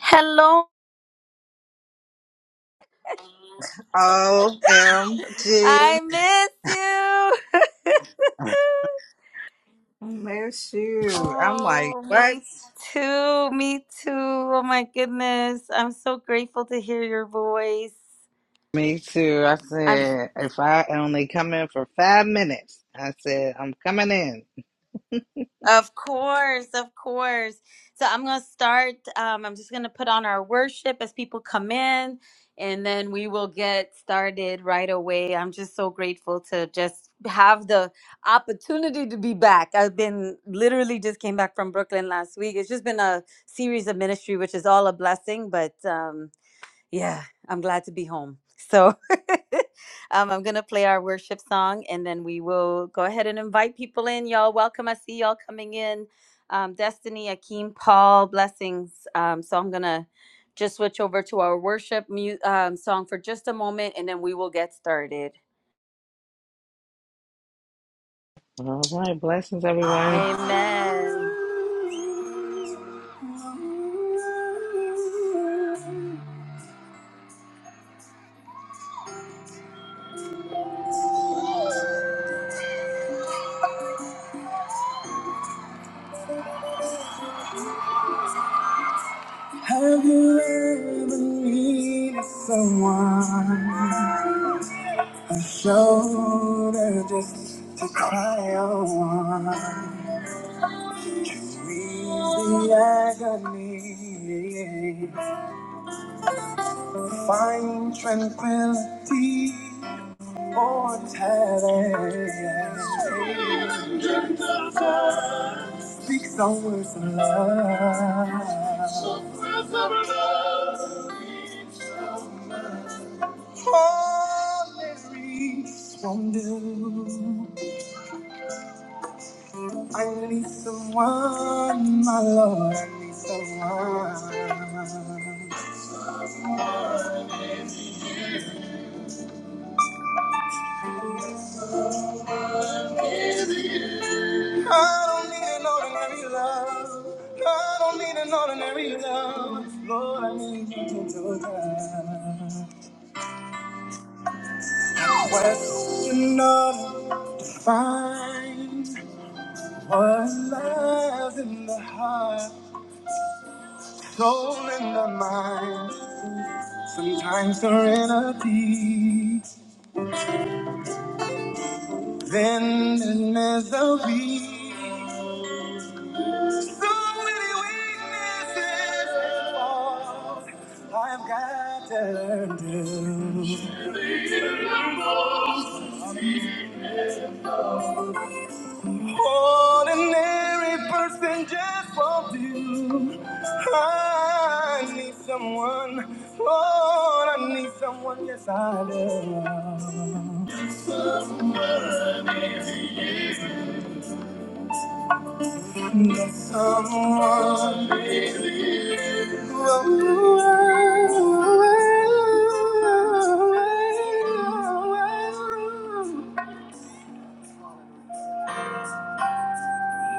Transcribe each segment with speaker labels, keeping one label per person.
Speaker 1: Hello.
Speaker 2: OMG.
Speaker 1: I miss you.
Speaker 2: Miss you. I'm like,
Speaker 1: oh,
Speaker 2: what?
Speaker 1: me too. Me too. Oh my goodness. I'm so grateful to hear your voice.
Speaker 2: Me too. I
Speaker 1: I'm
Speaker 2: said, if I only come in for five minutes, I said, I'm coming in.
Speaker 1: Of course, of course. So I'm going to start. Um, I'm just going to put on our worship as people come in, and then we will get started right away. I'm just so grateful to just have the opportunity to be back. I've been literally just came back from Brooklyn last week. It's just been a series of ministry, which is all a blessing, but. Um, yeah, I'm glad to be home. So um, I'm going to play our worship song and then we will go ahead and invite people in. Y'all, welcome. I see y'all coming in. Um, Destiny, Akeem, Paul, blessings. Um, so I'm going to just switch over to our worship mu- um, song for just a moment and then we will get started.
Speaker 2: All right. Blessings, everyone.
Speaker 1: Amen. Have you ever needed someone? A shoulder just to cry on, to ease the agony, find tranquility for the speak some words of love. All Mary won't do. I need someone, my Lord, I need someone. I don't need an ordinary love. No, I don't need an ordinary love. Lord, I need you to do that. What's in order to find what lies in the heart, soul in the mind? Sometimes serenity, then there's misery. Through many weaknesses and I've got to do. Ordinary person just won't do. I need someone, Oh, I need someone, yes I do. Need someone. Oh,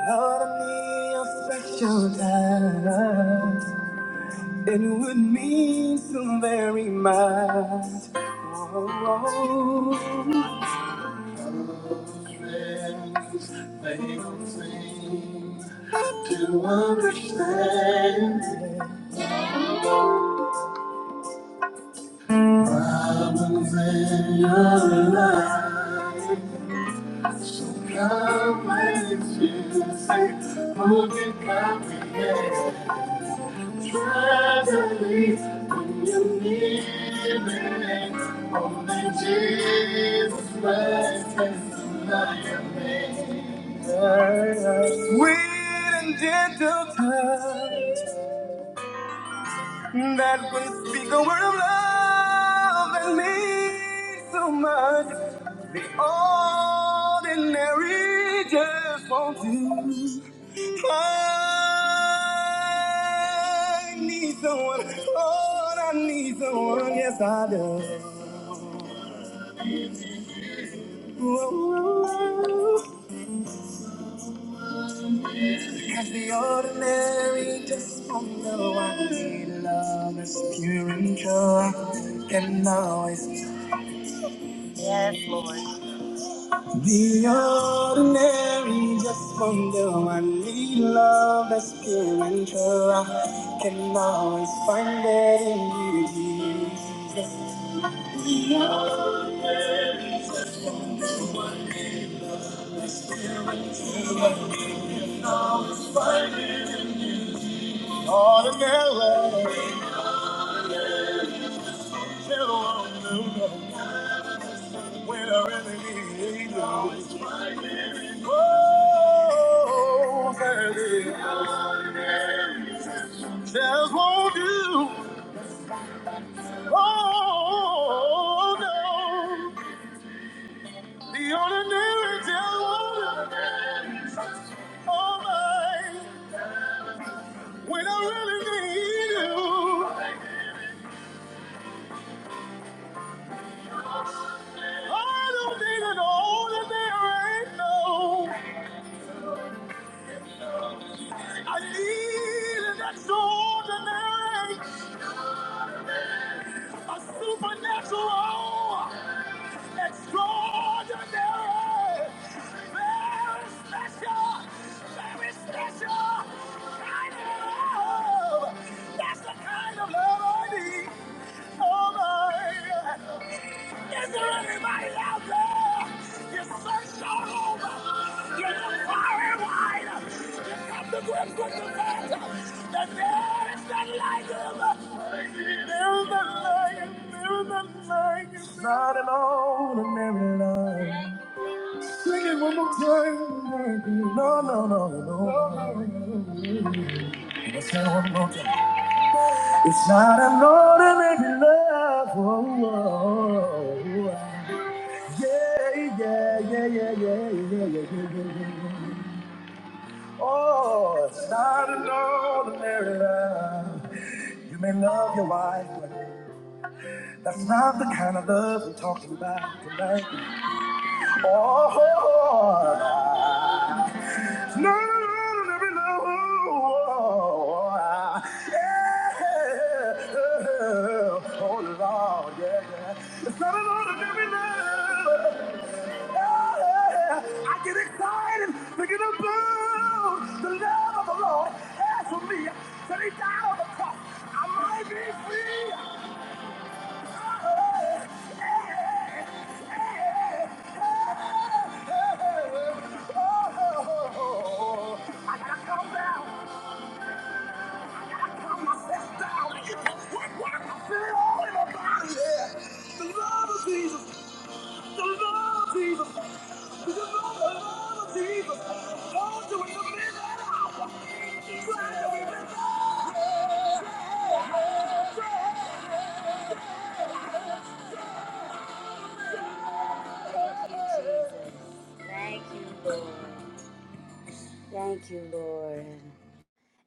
Speaker 1: Lord, I need your special touch. It would mean so very much. Oh, oh. Sweet and gentle touch that can speak a word of love and mean so much. Ordinary just won't do. I need someone. Lord, I need someone. Yes, I do. Ooh, Cause the ordinary just won't do. I need love that's pure and pure. Can always The ordinary just from the one we love that's pure and true. I can always find it in you, Jesus. We always find it. Ordinary, gentle, no, no. When I really need you. Oh, baby, just won't do. Oh, no. The ordinary devil, all mine. When I really need you, I don't need an ordinary, no. I need an extraordinary, a supernatural, extraordinary, very special, very special kind of love. That's the kind of love I need. Oh my. Is there anybody out there? You searched all over. You look far and wide. You come to grips with the fact that there is none like him. There is none like him. There is none like him. Not an ordinary love. Sing it one more time. No, no, no, no. no, no, no. Let's sing it one more time. It's not an ordinary love. Oh, oh, oh, oh. Yeah, yeah, yeah, yeah, yeah, yeah, yeah, yeah, yeah, yeah. Oh, it's not an ordinary love. You may love your wife, but that's not the kind of love we're talking about tonight. Oh, no, no, no, no, no, yeah. Oh, Lord, yeah, yeah. It's not an ordinary love. Yeah, I get excited thinking about the love of the Lord has for me. That he died on the cross. I might be free. Thank you, Lord. Thank you, Lord.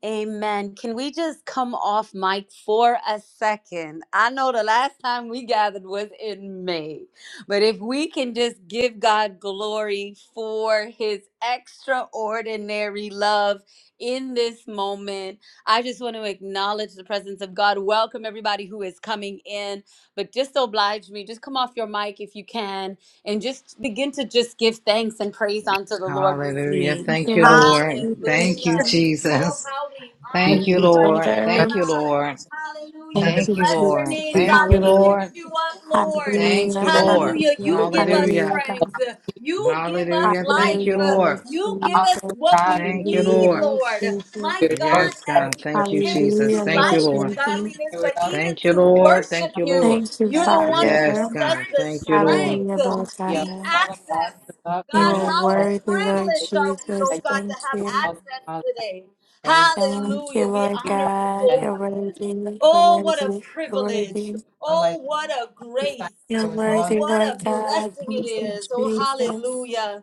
Speaker 1: Amen. Can we just come off mic for a second? I know the last time we gathered was in May, but if we can just give God glory for his extraordinary love in this moment, I just want to acknowledge the presence of God. Welcome everybody who is coming in, but just oblige me, just come off your mic if you can and just begin to just give thanks and praise unto the Lord with
Speaker 2: Hallelujah.
Speaker 1: me.
Speaker 2: Thank you,
Speaker 3: of
Speaker 4: Yes, and
Speaker 2: Lord. Thank you,
Speaker 1: Hallelujah. Oh,
Speaker 2: Jesus.
Speaker 1: how we
Speaker 3: you,
Speaker 2: Thank
Speaker 1: honor
Speaker 2: you,
Speaker 1: you
Speaker 4: we thank you,
Speaker 1: right
Speaker 2: Lord.
Speaker 1: now,
Speaker 2: Thank
Speaker 4: Father.
Speaker 2: you,
Speaker 1: God.
Speaker 2: Lord.
Speaker 1: Hallelujah.
Speaker 4: Thank
Speaker 3: the
Speaker 1: We
Speaker 2: Thank
Speaker 4: you,
Speaker 2: you,
Speaker 4: Jesus.
Speaker 1: bless your
Speaker 2: Lord.
Speaker 1: name,
Speaker 3: reviews
Speaker 2: Thank
Speaker 1: God.
Speaker 2: you,
Speaker 1: We
Speaker 4: Hallelujah.
Speaker 1: lift
Speaker 2: Lord.
Speaker 1: you up, Lord.
Speaker 2: Thank you,
Speaker 4: Hallelujah.
Speaker 3: and
Speaker 2: Lord.
Speaker 1: Hallelujah.
Speaker 4: Hallelujah.
Speaker 1: You give us
Speaker 4: Hallelujah,
Speaker 2: Hallelujah.
Speaker 4: God.
Speaker 1: strength. You give us
Speaker 2: Hallelujah. Thank you,
Speaker 4: Hallelujah,
Speaker 1: life.
Speaker 4: Lord
Speaker 2: Lord.
Speaker 1: You give us
Speaker 3: also
Speaker 4: Jesus.
Speaker 1: what
Speaker 3: God,
Speaker 1: we
Speaker 2: Thank you,
Speaker 4: Hallelujah,
Speaker 1: need,
Speaker 2: Lord.
Speaker 4: Lord
Speaker 1: Lord.
Speaker 4: Jesus.
Speaker 1: My
Speaker 3: your joy
Speaker 1: God,
Speaker 2: Yes,
Speaker 3: has
Speaker 1: as
Speaker 2: God.
Speaker 1: it
Speaker 2: Thank you,
Speaker 1: pertains to
Speaker 2: Jesus.
Speaker 4: Hallelujah,
Speaker 2: Thank
Speaker 4: Lord
Speaker 2: you,
Speaker 1: life and
Speaker 2: Lord.
Speaker 4: Jesus.
Speaker 1: godliness,
Speaker 3: carried
Speaker 1: but
Speaker 3: out
Speaker 1: even
Speaker 2: Thank you,
Speaker 1: to
Speaker 2: Lord. Thank
Speaker 1: worship
Speaker 2: you,
Speaker 1: you,
Speaker 2: Lord.
Speaker 4: Thank you,
Speaker 1: you're
Speaker 3: us.
Speaker 1: the one who
Speaker 4: Father.
Speaker 2: Yes,
Speaker 1: gives us
Speaker 2: God.
Speaker 1: the
Speaker 2: Thank you, Lord.
Speaker 1: strength,
Speaker 4: Hallelujah,
Speaker 3: Thank
Speaker 4: Lord
Speaker 3: you,
Speaker 1: the
Speaker 4: God.
Speaker 3: all of God, the
Speaker 1: access.
Speaker 3: love that
Speaker 4: You
Speaker 3: you
Speaker 1: God,
Speaker 4: are
Speaker 3: have
Speaker 1: how
Speaker 3: for us,
Speaker 4: worthy,
Speaker 3: the
Speaker 4: Lord
Speaker 3: spirit
Speaker 1: privileged are we,
Speaker 3: that
Speaker 1: oh
Speaker 3: you
Speaker 4: Jesus.
Speaker 1: God, to
Speaker 4: Thank
Speaker 1: have
Speaker 3: have for
Speaker 4: you.
Speaker 3: us,
Speaker 1: access
Speaker 3: all that.
Speaker 1: today.
Speaker 3: Thank
Speaker 4: Thank you,
Speaker 1: Hallelujah. We
Speaker 4: Lord
Speaker 3: you,
Speaker 1: honor
Speaker 3: Father.
Speaker 1: you,
Speaker 4: God.
Speaker 1: oh
Speaker 3: And
Speaker 4: You're
Speaker 1: God.
Speaker 4: worthy. You're
Speaker 1: Oh, what a
Speaker 4: worthy. You're
Speaker 1: privilege.
Speaker 4: worthy.
Speaker 3: unlike
Speaker 1: Oh, what a
Speaker 3: this time,
Speaker 1: grace.
Speaker 4: You're
Speaker 3: there was
Speaker 1: Oh,
Speaker 3: none to
Speaker 4: worthy,
Speaker 1: what
Speaker 4: Lord
Speaker 1: a
Speaker 4: God.
Speaker 1: blessing
Speaker 3: give
Speaker 1: it
Speaker 4: Thank you,
Speaker 1: is. Oh,
Speaker 4: Jesus.
Speaker 1: hallelujah.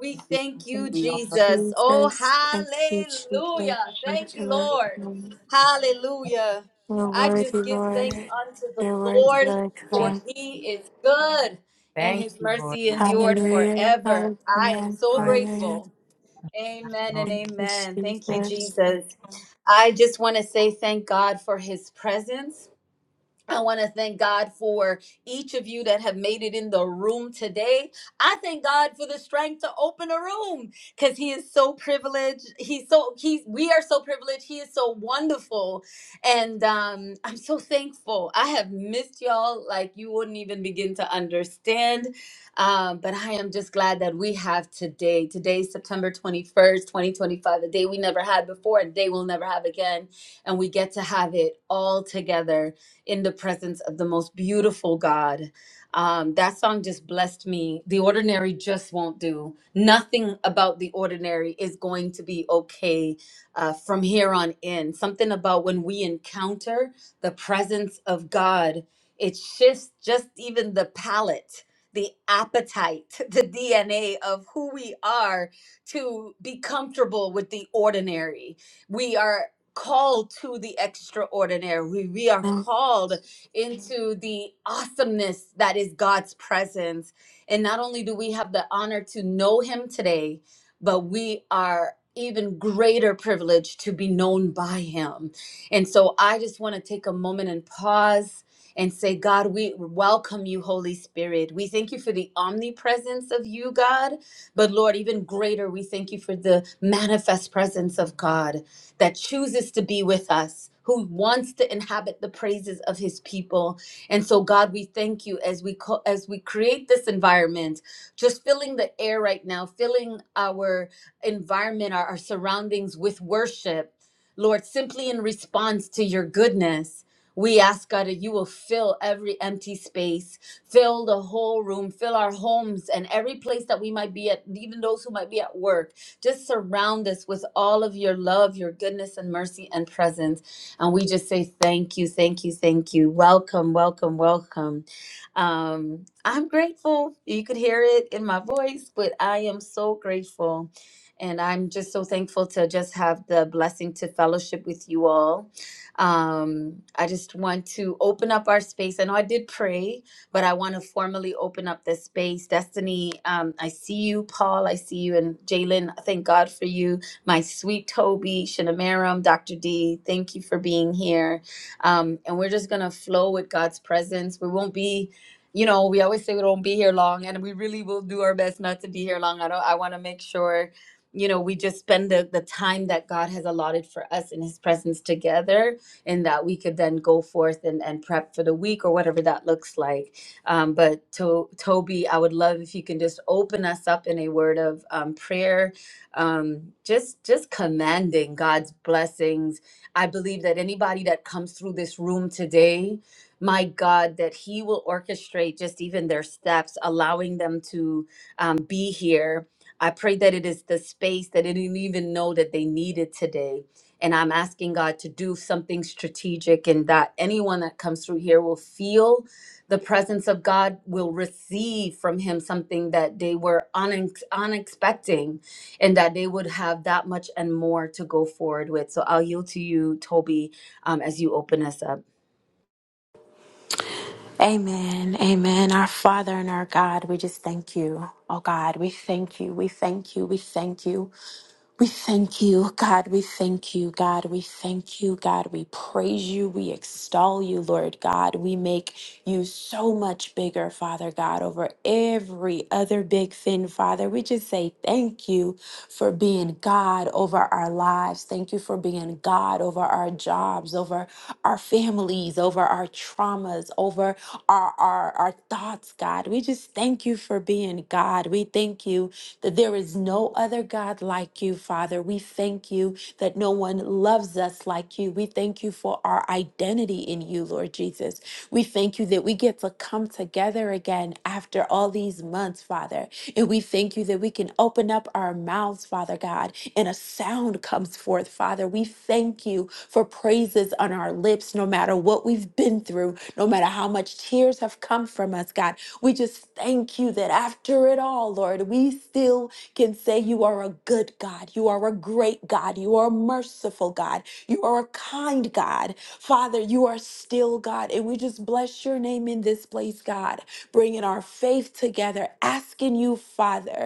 Speaker 1: We thank you,
Speaker 4: Thank
Speaker 3: We honor
Speaker 4: you,
Speaker 3: you.
Speaker 1: Jesus. Oh,
Speaker 4: Jesus. Thank you, Jesus.
Speaker 1: hallelujah.
Speaker 4: Thank
Speaker 1: Thank
Speaker 4: you,
Speaker 1: you,
Speaker 4: Lord.
Speaker 3: Lord.
Speaker 1: Lord.
Speaker 4: God.
Speaker 1: Hallelujah.
Speaker 3: And
Speaker 4: You're
Speaker 3: Thank you, Lord.
Speaker 1: I
Speaker 4: worthy,
Speaker 1: just give
Speaker 3: Thank
Speaker 1: thanks
Speaker 3: you,
Speaker 4: Lord.
Speaker 1: unto the
Speaker 4: You're worthy,
Speaker 1: Lord,
Speaker 4: Lord
Speaker 1: for
Speaker 3: Jesus. name.
Speaker 4: God.
Speaker 1: he is good and
Speaker 3: Thank
Speaker 1: his
Speaker 3: you, Lord.
Speaker 1: mercy endured
Speaker 4: Hallelujah.
Speaker 1: forever. I
Speaker 3: Yes,
Speaker 1: am
Speaker 4: Hallelujah.
Speaker 1: so
Speaker 3: Lord.
Speaker 4: Hallelujah.
Speaker 1: grateful.
Speaker 3: Yes,
Speaker 1: Amen
Speaker 3: Lord.
Speaker 1: and
Speaker 4: Thank you,
Speaker 1: amen. Thank
Speaker 3: Thank
Speaker 1: you,
Speaker 4: Jesus.
Speaker 1: Jesus. I just want to say thank God for his presence. I want to thank God for each of you that have made it in the room today. I thank God for the strength to open a room because He is so privileged. He's so He's we are so privileged. He is so wonderful, and um, I'm so thankful. I have missed y'all like you wouldn't even begin to understand. Um, but I am just glad that we have today. Today, September 21st, 2025, a day we never had before, a day we'll never have again, and we get to have it all together in the presence of the most beautiful God. Um, that song just blessed me. The ordinary just won't do. Nothing about the ordinary is going to be okay uh, from here on in. Something about when we encounter the presence of God, it shifts just even the palate, the appetite, the DNA of who we are to be comfortable with the ordinary. We are called to the extraordinary. We, we are called into the awesomeness that is God's presence. And not only do we have the honor to know Him today, but we are even greater privilege to be known by Him. And so I just want to take a moment and pause. And say, God, we welcome you, Holy Spirit. We thank you for the omnipresence of you, God. But Lord, even greater, we thank you for the manifest presence of God that chooses to be with us, who wants to inhabit the praises of his people. And so God, we thank you as we co- as we create this environment, just filling the air right now, filling our environment, our, our surroundings with worship. Lord, simply in response to your goodness, we ask God that you will fill every empty space, fill the whole room, fill our homes and every place that we might be at, even those who might be at work just surround us with all of your love, your goodness, and mercy and presence. And we just say thank you, thank you, thank you. Welcome, welcome, welcome. Um, I'm grateful. You could hear it in my voice, but I am so grateful. And I'm just so thankful to just have the blessing to fellowship with you all. Um, I just want to open up our space. I know I did pray, but I want to formally open up this space. Destiny, um, I see you, Paul. I see you, and Jalen. Thank God for you, my sweet Toby, Shinamaram, Dr. D. Thank you for being here. Um, and we're just gonna flow with God's presence. We won't be. You know, we always say we don't be here long, and we really will do our best not to be here long. I don't. I want to make sure, you know, we just spend the, the time that God has allotted for us in His presence together, and that we could then go forth and, and prep for the week or whatever that looks like. Um, but to, Toby, I would love if you can just open us up in a word of um, prayer, um, just just commanding God's blessings. I believe that anybody that comes through this room today, my God, that He will orchestrate just even their steps, allowing them to um, be here. I pray that it is the space that they didn't even know that they needed today. And I'm asking God to do something strategic and that anyone that comes through here will feel the presence of God will receive from him something that they were unex- unexpecting and that they would have that much and more to go forward with. So I'll yield to you, Toby, um, as you open us up.
Speaker 4: Amen. Amen. Our Father and our God, we just thank you. Oh God, we thank you. We thank you. We thank you. We thank you, God. We thank you, God. We thank you, God. We praise you. We extol you, Lord God. We make you so much bigger, Father God, over every other big thing, Father. We just say thank you for being God over our lives. Thank you for being God over our jobs, over our families, over our traumas, over our, our, our thoughts, God. We just thank you for being God. We thank you that there is no other God like you, Father. We thank you that no one loves us like you. We thank you for our identity in you, Lord Jesus. We thank you that we get to come together again after all these months, Father. And we thank you that we can open up our mouths, Father God, and a sound comes forth, Father. We thank you for praises on our lips, no matter what we've been through, no matter how much tears have come from us, God. We just just thank you that after it all, Lord, we still can say you are a good God. You are a great God. You are a merciful God. You are a kind God. Father, you are still God. And we just bless your name in this place, God, bringing our faith together, asking you, Father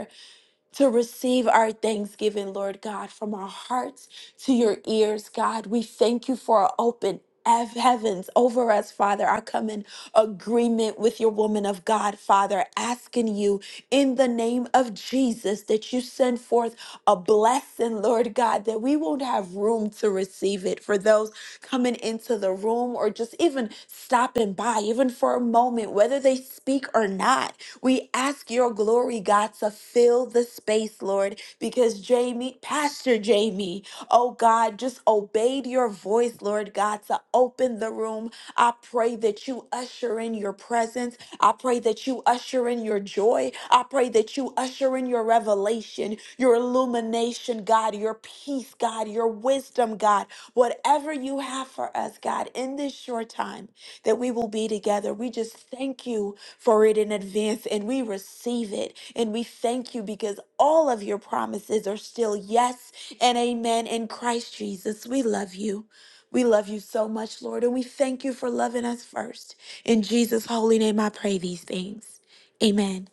Speaker 4: to receive our thanksgiving, Lord God, from our hearts to your ears, God. We thank you for our open hev- heavens over us, Father. I come in agreement with your woman of God, Father, asking you in the name of Jesus that you send forth a blessing, Lord God, that we won't have room to receive it for those coming into the room or just even stopping by, even for a moment, whether they speak or not. We ask your glory, God, to fill the space, Lord, because Jamie, Pastor Jamie, oh God, just obeyed your voice, Lord God, to open the room. I pray that you usher in your presence. I pray that you usher in your joy. I pray that you usher in your revelation, your illumination, God, your peace, God, your wisdom, God. Whatever you have for us, God, in this short time that we will be together, we just thank you for it in advance and we receive it. And we thank you because all of your promises are still yes and amen in Christ Jesus. We love you. We love you so much, Lord, and we thank you for loving us first. In Jesus' holy name, I pray these things. Amen.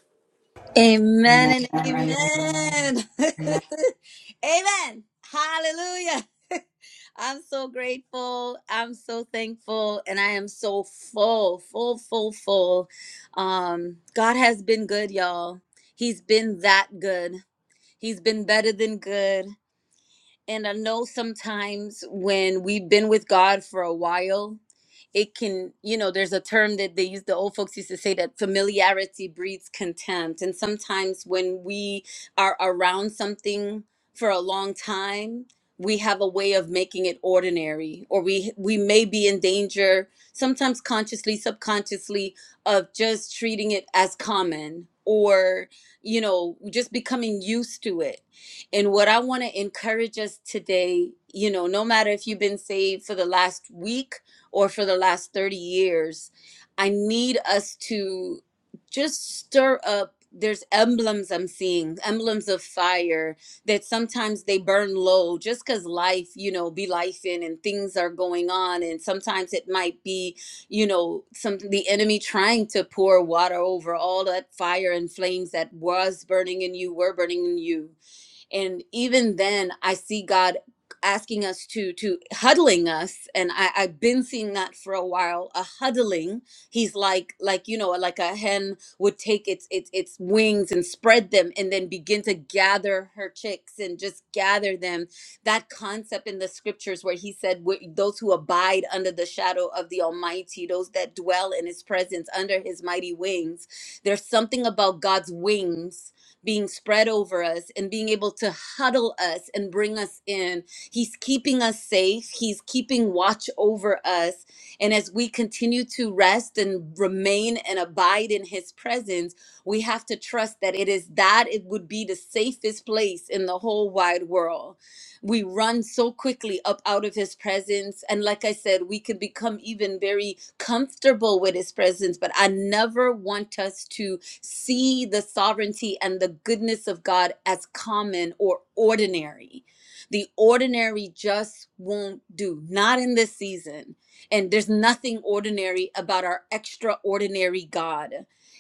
Speaker 3: you.
Speaker 1: Amen
Speaker 3: Amen.
Speaker 1: and
Speaker 3: Amen.
Speaker 1: amen.
Speaker 3: Amen.
Speaker 1: amen. Hallelujah. I'm so grateful. I'm so thankful. And I am so full, full, full, full. Um, God has been good, y'all. He's been that good. He's been better than good. And I know sometimes when we've been with God for a while, it can, you know, there's a term that they use, the old folks used to say that familiarity breeds contempt. And sometimes when we are around something for a long time, we have a way of making it ordinary or we we may be in danger sometimes consciously subconsciously of just treating it as common or you know just becoming used to it and what I want to encourage us today, you know, no matter if you've been saved for the last week or for the last 30 years, I need us to just stir up. There's emblems I'm seeing, emblems of fire that sometimes they burn low just because life, you know, be life in and things are going on. And sometimes it might be, you know, some the enemy trying to pour water over all that fire and flames that was burning in you, were burning in you and even then i see god asking us to to huddling us and i i've been seeing that for a while a huddling he's like like you know like a hen would take its its its wings and spread them and then begin to gather her chicks and just gather them that concept in the scriptures where he said "Wh- those who abide under the shadow of the almighty those that dwell in his presence under his mighty wings there's something about god's wings being spread over us and being able to huddle us and bring us in. He's keeping us safe, He's keeping watch over us. And as we continue to rest and remain and abide in His presence, we have to trust that it is that it would be the safest place in the whole wide world. We run so quickly up out of His presence. And like I said, we could become even very comfortable with His presence, but I never want us to see the sovereignty and the goodness of God as common or ordinary. The ordinary just won't do, not in this season. And there's nothing ordinary about our extraordinary God.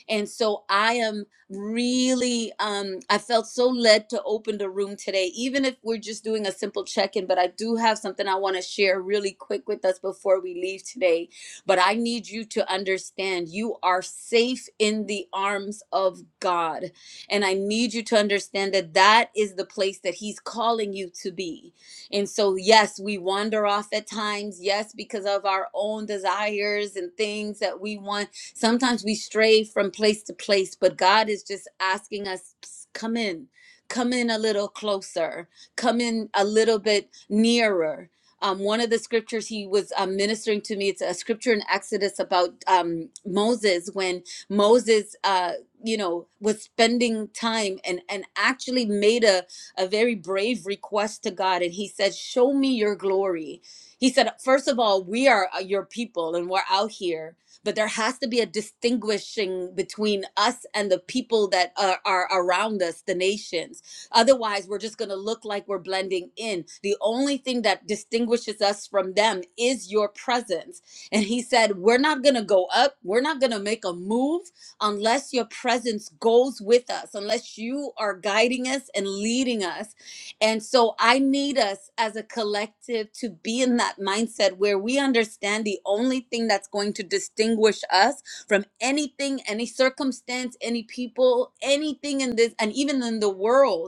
Speaker 1: And so I am really, um, I felt so led to open the room today, even if we're just doing a simple check in. But I do have something I want to share really quick with us before we leave today but I need you to understand you are safe in the arms of God. And I need you to understand that that is the place that He's calling you to be. And so, yes, we wander off at times. Yes, because of our own desires and things that we want. Sometimes we stray from place to place, but God is just asking us, "Psst, come in. Come in a little closer. Come in a little bit nearer um, one of the scriptures he was um, ministering to me it's a scripture in exodus about um, moses when moses uh, you know was spending time and and actually made a, a very brave request to god and he said show me your glory he said first of all we are uh, your people and we're out here but there has to be a distinguishing between us and the people that are, are around us the nations Otherwise, we're just going to look like we're blending in. The only thing that distinguishes us from them is your presence. And he said, We're not going to go up. We're not going to make a move unless your presence goes with us, unless you are guiding us and leading us. And so I need us as a collective to be in that mindset where we understand the only thing that's going to distinguish us from anything, any circumstance, any people, anything in this, and even in the world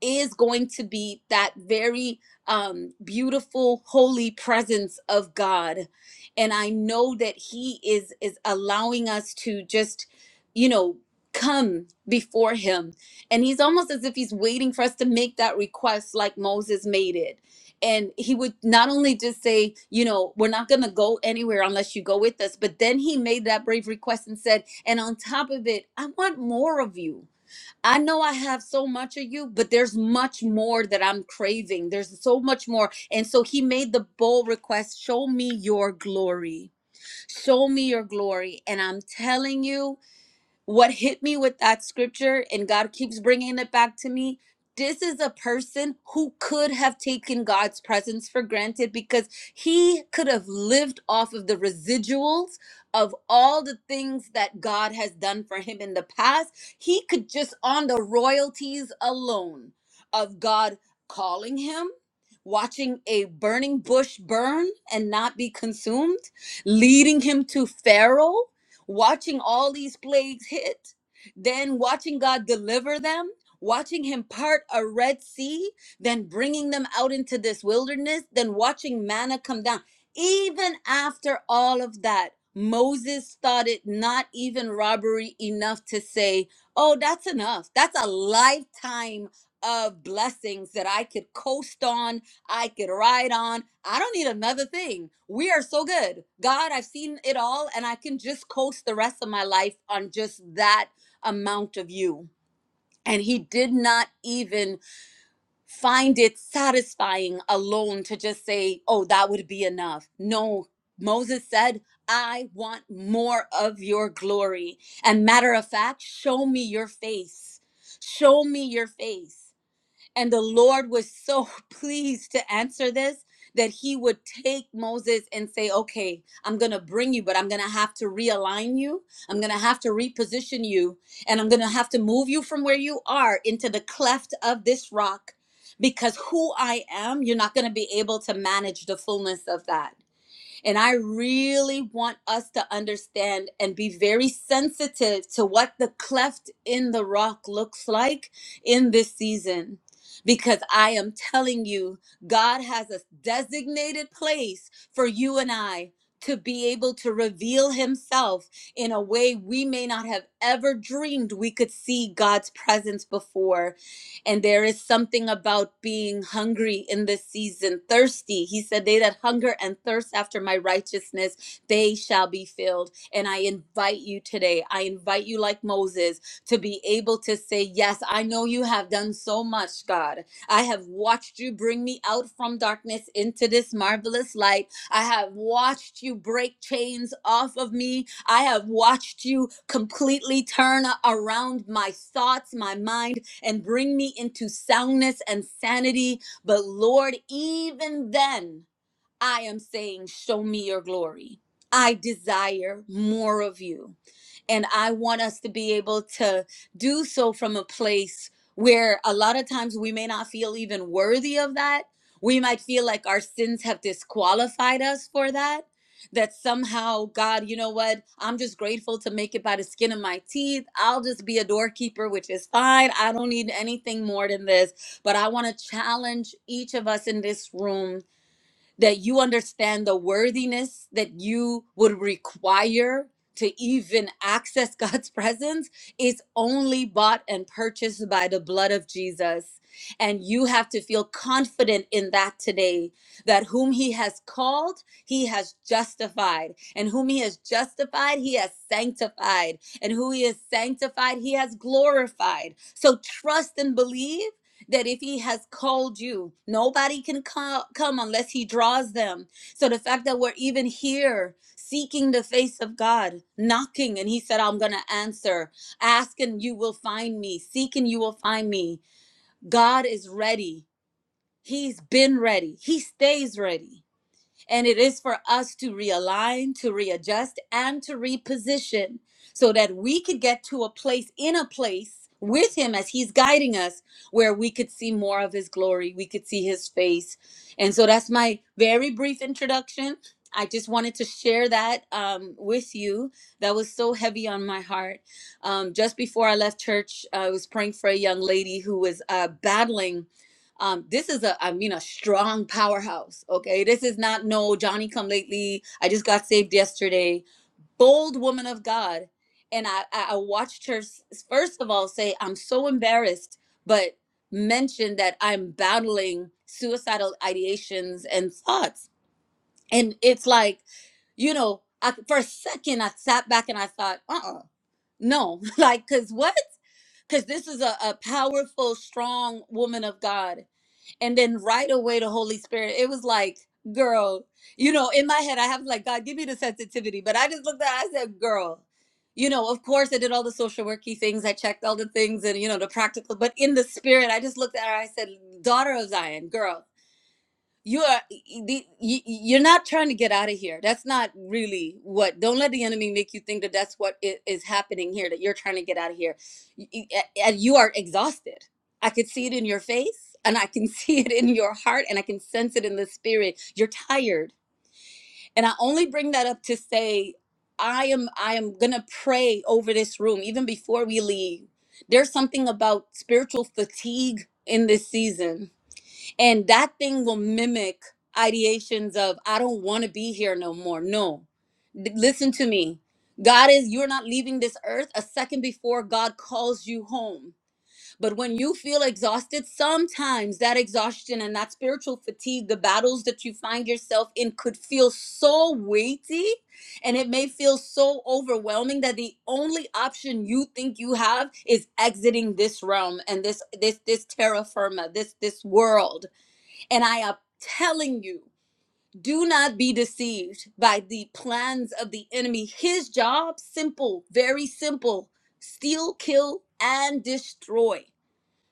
Speaker 1: is going to be that very um, beautiful, holy presence of God. And I know that He is is allowing us to just, you know, come before Him. And He's almost as if He's waiting for us to make that request, like Moses made it. And he would not only just say, you know, we're not going to go anywhere unless you go with us, but then he made that brave request and said, and on top of it, I want more of you. I know I have so much of you, but there's much more that I'm craving. There's so much more. And so he made the bold request show me your glory. Show me your glory. And I'm telling you, what hit me with that scripture and God keeps bringing it back to me this is a person who could have taken God's presence for granted because he could have lived off of the residuals of all the things that God has done for him in the past. He could just on the royalties alone of God calling him, watching a burning bush burn and not be consumed, leading him to Pharaoh watching all these plagues hit, then watching God deliver them, watching Him part a Red Sea, then bringing them out into this wilderness, then watching manna come down. Even after all of that, Moses thought it not even robbery enough to say, Oh, that's enough. That's a lifetime of blessings that I could coast on I could ride on. I don't need another thing. We are so good. God, I've seen it all, and I can just coast the rest of my life on just that amount of you. And he did not even find it satisfying alone to just say, oh, that would be enough. No, Moses said, I want more of your glory. And matter of fact, show me your face. Show me your face. And the Lord was so pleased to answer this that he would take Moses and say, Okay, I'm going to bring you, but I'm going to have to realign you. I'm going to have to reposition you. And I'm going to have to move you from where you are into the cleft of this rock because who I am, you're not going to be able to manage the fullness of that. And I really want us to understand and be very sensitive to what the cleft in the rock looks like in this season. Because I am telling you, God has a designated place for you and I to be able to reveal Himself in a way we may not have ever dreamed we could see God's presence before. And there is something about being hungry in this season, thirsty. He said, They that hunger and thirst after my righteousness, they shall be filled. And I invite you today, I invite you, like Moses, to be able to say, Yes, I know you have done so much, God. I have watched you bring me out from darkness into this marvelous light. I have watched you break chains off of me. I have watched you completely turn around my thoughts, my mind and bring me into soundness and sanity. But Lord, even then, I am saying, Show me your glory. I desire more of you. And I want us to be able to do so from a place where a lot of times we may not feel even worthy of that. We might feel like our sins have disqualified us for that. That somehow, God, you know what? I'm just grateful to make it by the skin of my teeth. I'll just be a doorkeeper, which is fine. I don't need anything more than this. But I want to challenge each of us in this room that you understand the worthiness that you would require to even access God's presence is only bought and purchased by the blood of Jesus. And you have to feel confident in that today that whom He has called, He has justified. And whom He has justified, He has sanctified. And who He has sanctified, He has glorified. So trust and believe that if he has called you, nobody can co- come unless he draws them. So the fact that we're even here seeking the face of God, knocking, and he said, I'm going to answer, ask and you will find me, seek and you will find me. God is ready. He's been ready. He stays ready. And it is for us to realign, to readjust, and to reposition so that we could get to a place in a place with Him as He's guiding us where we could see more of His glory, we could see His face. And so that's my very brief introduction. I just wanted to share that um, with you. That was so heavy on my heart. Um, just before I left church, I was praying for a young lady who was uh, battling um this is a i mean a strong powerhouse okay this is not no johnny come lately i just got saved yesterday bold woman of god and i i watched her first of all say i'm so embarrassed but mention that i'm battling suicidal ideations and thoughts and it's like you know I, for a second i sat back and i thought uh-uh no like because what because this is a, a powerful strong woman of god and then right away the holy spirit it was like girl you know in my head i have like god give me the sensitivity but i just looked at it, i said girl you know of course i did all the social worky things i checked all the things and you know the practical but in the spirit i just looked at her i said daughter of zion girl you are the- you- you're not trying to get out of here that's not really what don't let the enemy make you think that that's what i- is happening here that you're trying to get out of here Y- y- a- and you are exhausted i could see it in your face and i can see it in your heart and i can sense it in the spirit you're tired and i only bring that up to say i am i am gonna pray over this room even before we leave there's something about spiritual fatigue in this season and that thing will mimic ideations of i don't want to be here no more no D- listen to me god is you're not leaving this earth a second before god calls you home but when you feel exhausted sometimes that exhaustion and that spiritual fatigue the battles that you find yourself in could feel so weighty and it may feel so overwhelming that the only option you think you have is exiting this realm and this this this terra firma this this world and I am telling you, do not be deceived by the plans of the enemy. His job, simple, very simple steal, kill, and destroy.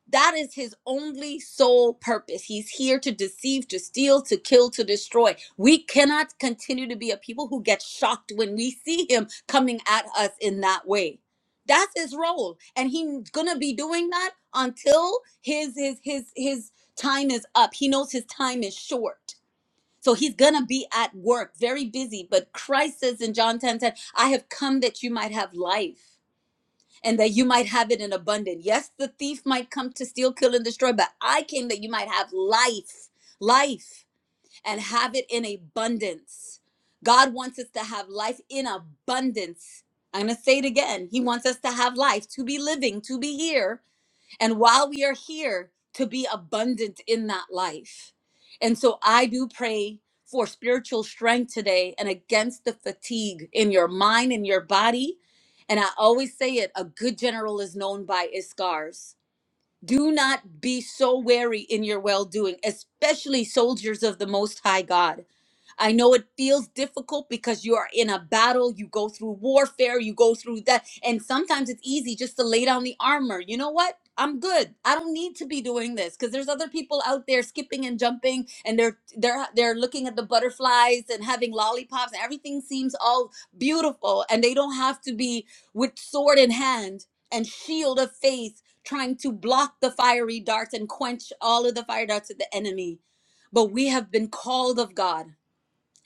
Speaker 1: That is his only sole purpose. He's here to deceive, to steal, to kill, to destroy. We cannot continue to be a people who get shocked when we see him coming at us in that way. That's his role, and he's gonna be doing that until his his his his time is up. He knows his time is short. So he's gonna be at work, very busy. But Christ says in John 10 10, I have come that you might have life and that you might have it in abundance. Yes, the thief might come to steal, kill, and destroy, but I came that you might have life, life, and have it in abundance. God wants us to have life in abundance. I'm going to say it again. He wants us to have life, to be living, to be here and while we are here, to be abundant in that life. And so I do pray for spiritual strength today and against the fatigue in your mind and your body. And I always say it a good general is known by his scars. Do not be so wary in your well doing, especially soldiers of the Most High God. I know it feels difficult because you are in a battle, you go through warfare, you go through that. And sometimes it's easy just to lay down the armor. You know what? I'm good. I don't need to be doing this because there's other people out there skipping and jumping and they're they're they're looking at the butterflies and having lollipops and everything seems all beautiful and they don't have to be with sword in hand and shield of faith trying to block the fiery darts and quench all of the fire darts of the enemy. But we have been called of God.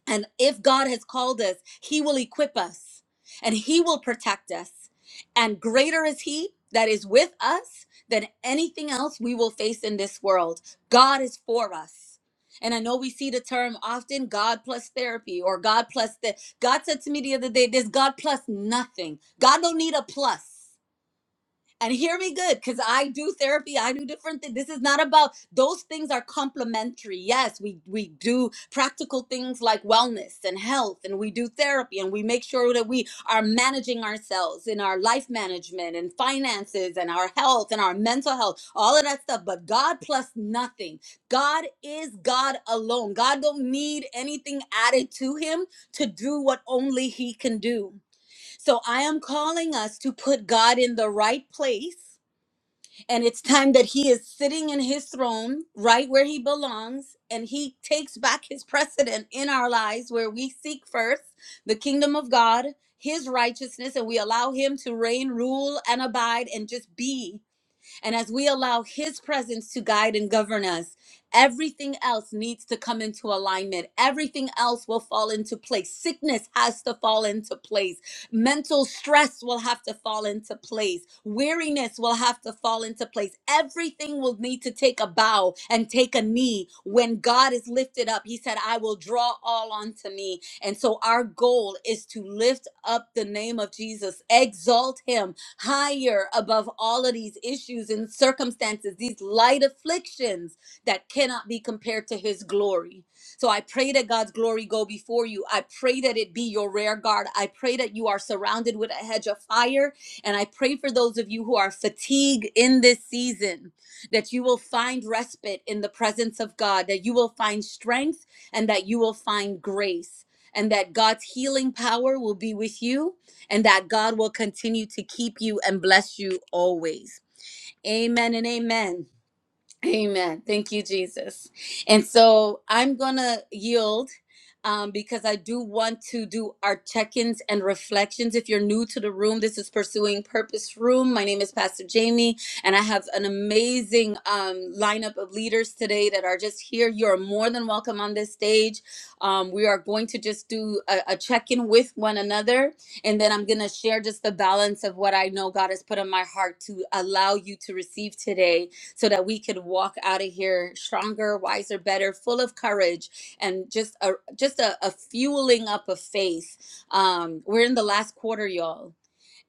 Speaker 1: And if God has called us, He will equip us and He will protect us. And greater is He that is with us than anything else we will face in this world. God is for us. And I know we see the term often God plus therapy or God plus this. God said to me the other day, there's God plus nothing. God don't need a plus and hear me good because i do therapy i do different things this is not about those things are complementary yes we we do practical things like wellness and health and we do therapy and we make sure that we are managing ourselves in our life management and finances and our health and our mental health all of that stuff but god plus nothing god is god alone god don't need anything added to him to do what only he can do so I am calling us to put God in the right place. And it's time that he is sitting in his throne right where he belongs and he takes back his precedent in our lives where we seek first the kingdom of God, his righteousness, and we allow him to reign, rule, and abide and just be and as we allow His presence to guide and govern us, everything else needs to come into alignment. Everything else will fall into place. Sickness has to fall into place. Mental stress will have to fall into place. Weariness will have to fall into place. Everything will need to take a bow and take a knee when God is lifted up. He said, I will draw all unto me. And so our goal is to lift up the name of Jesus, exalt Him higher above all of these issues and circumstances, these light afflictions that cannot be compared to his glory. So I pray that God's glory go before you. I pray that it be your rear guard. I pray that you are surrounded with a hedge of fire. And I pray for those of you who are fatigued in this season that you will find respite in the presence of God, that you will find strength and that you will find grace. And that God's healing power will be with you and that God will continue to keep you and bless you always. Amen and amen. Amen. Thank you, Jesus. And so I'm going to yield um, because I do want to do our check ins and reflections. If you're new to the room, this is Pursuing Purpose Room. My name is Pastor Jamie, and I have an amazing um, lineup of leaders today that are just here. You're more than welcome on this stage. Um, we are going to just do a, a check in with one another, and then I'm going to share just the balance of what I know God has put on my heart to allow you to receive today so that we could walk out of here stronger, wiser, better, full of courage, and just a just a, a fueling up of faith. Um, we're in the last quarter, y'all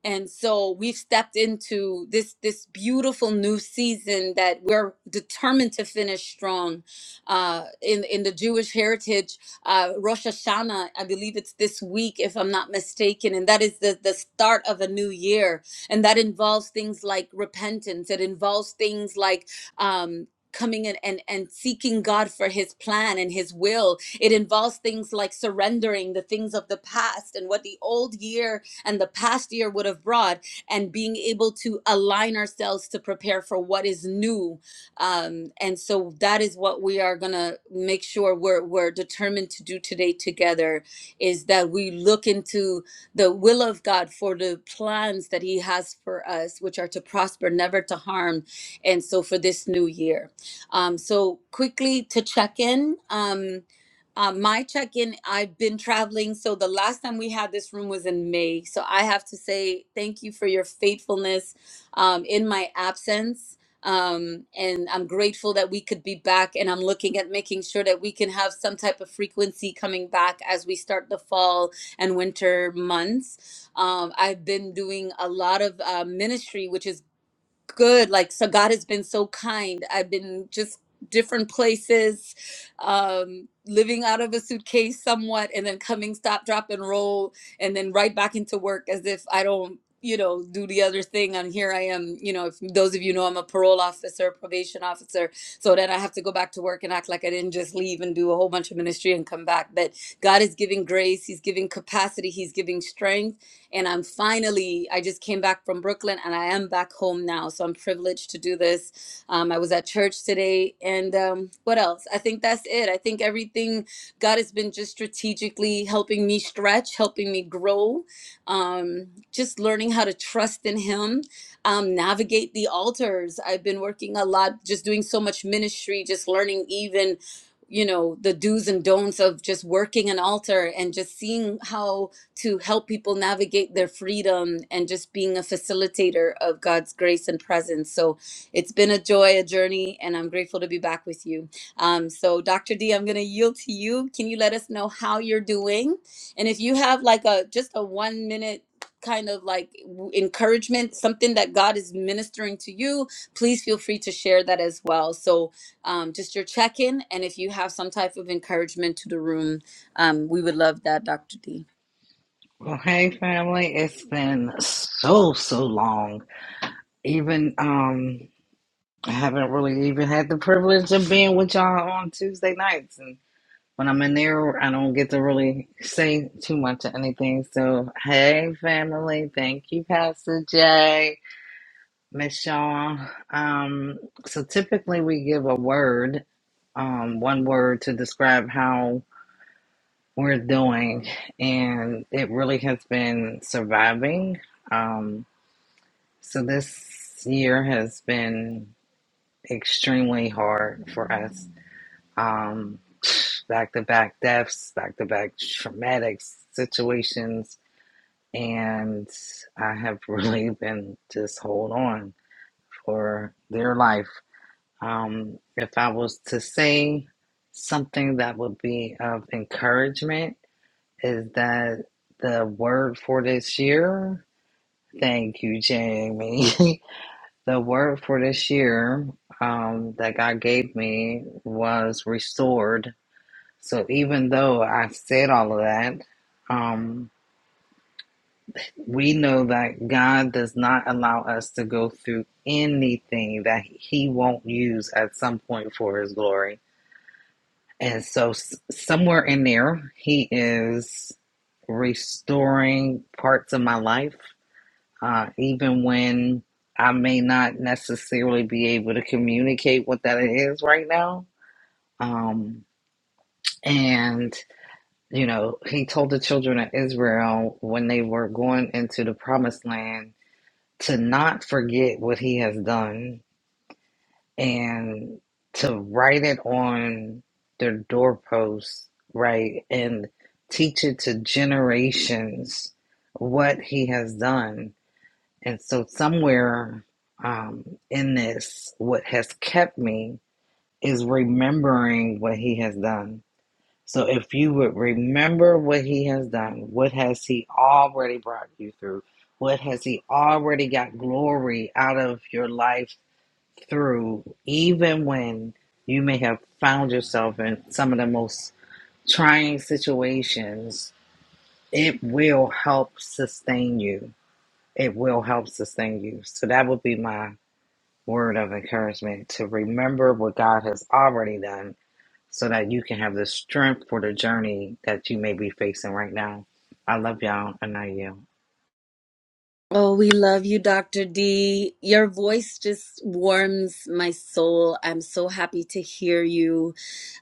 Speaker 1: and so we've stepped into this this beautiful new season that we're determined to finish strong uh, in in the Jewish heritage uh, Rosh Hashanah I believe it's this week if I'm not mistaken and that is the the start of a new year and that involves things like repentance it involves things like um, coming in and, and seeking God for his plan and his will. It involves things like surrendering the things of the past and what the old year and the past year would have brought, and being able to align ourselves to prepare for what is new. Um, and so that is what we are gonna make sure we're we're determined to do today together is that we look into the will of God for the plans that He has for us, which are to prosper, never to harm, and so for this new year. Um, so quickly to check in. Um, uh, my check-in, I've been traveling. So the last time we had this room was in May. So I have to say thank you for your faithfulness um, in my absence. Um, and I'm grateful that we could be back. And I'm looking at making sure that we can have some type of frequency coming back as we start the fall and winter months. Um, I've been doing a lot of uh, ministry, which is good. Like, so God has been so kind. I've been just different places, um, living out of a suitcase somewhat, and then coming, stop, drop, and roll, and then right back into work as if I don't, you know, do the other thing. And here I am, you know, if those of you know, I'm a parole officer, probation officer. So then I have to go back to work and act like I didn't just leave and do a whole bunch of ministry and come back. But God is giving grace, He's giving capacity, He's giving strength and I'm finally, I just came back from Brooklyn and I am back home now. So I'm privileged to do this. Um, I was at church today. And um, what else? I think that's it. I think everything, God has been just strategically helping me stretch, helping me grow, um, just learning how to trust in Him, um, navigate the altars. I've been working a lot, just doing so much ministry, just learning even you know the do's and don'ts of just working an altar and just seeing how to help people navigate their freedom and just being a facilitator of God's grace and presence. So it's been a joy, a journey, and I'm grateful to be back with you. Um, so, Dr. D, I'm going to yield to you. Can you let us know how you're doing? And if you have like a just a one minute kind of like w- encouragement, something that God is ministering to you, please feel free to share that as well. So, um, just your check in. And if you have some type of encouragement to the room, um, we would love that, Dr. D.
Speaker 2: Well, hey, family. It's been so, so long. Even um, I haven't really even had the privilege of being with y'all on Tuesday nights, and when I'm in there, I don't get to really say too much of anything. So, hey, family. Thank you, Pastor Jay. Miss Shaw. Um, so typically we give a word, um, one word to describe how we're doing, and it really has been surviving. Um, so this year has been extremely hard for us. Um, back to back deaths, back to back traumatic situations, and I have really been just hold on for dear life Um, if I was to say something that would be of encouragement, is that the word for this year? Thank you, Jamie. the word for this year um, that God gave me was restored. So even though I said all of that, um, we know that God does not allow us to go through anything that He won't use at some point for His glory. And so, s- somewhere in there, he is restoring parts of my life, uh, even when I may not necessarily be able to communicate what that is right now. Um, and, you know, he told the children of Israel when they were going into the promised land to not forget what he has done and to write it on their doorposts, right, and teach it to generations what he has done. And so, somewhere um, in this, what has kept me is remembering what he has done. So, if you would remember what he has done, what has he already brought you through? What has he already got glory out of your life through, even when you may have found yourself in some of the most trying situations, it will help sustain you. It will help sustain you. So that would be my word of encouragement to remember what God has already done so that you can have the strength for the journey that you may be facing right now. I love y'all and I you.
Speaker 1: Oh, we love you, Dr. D. Your voice just warms my soul. I'm so happy to hear you.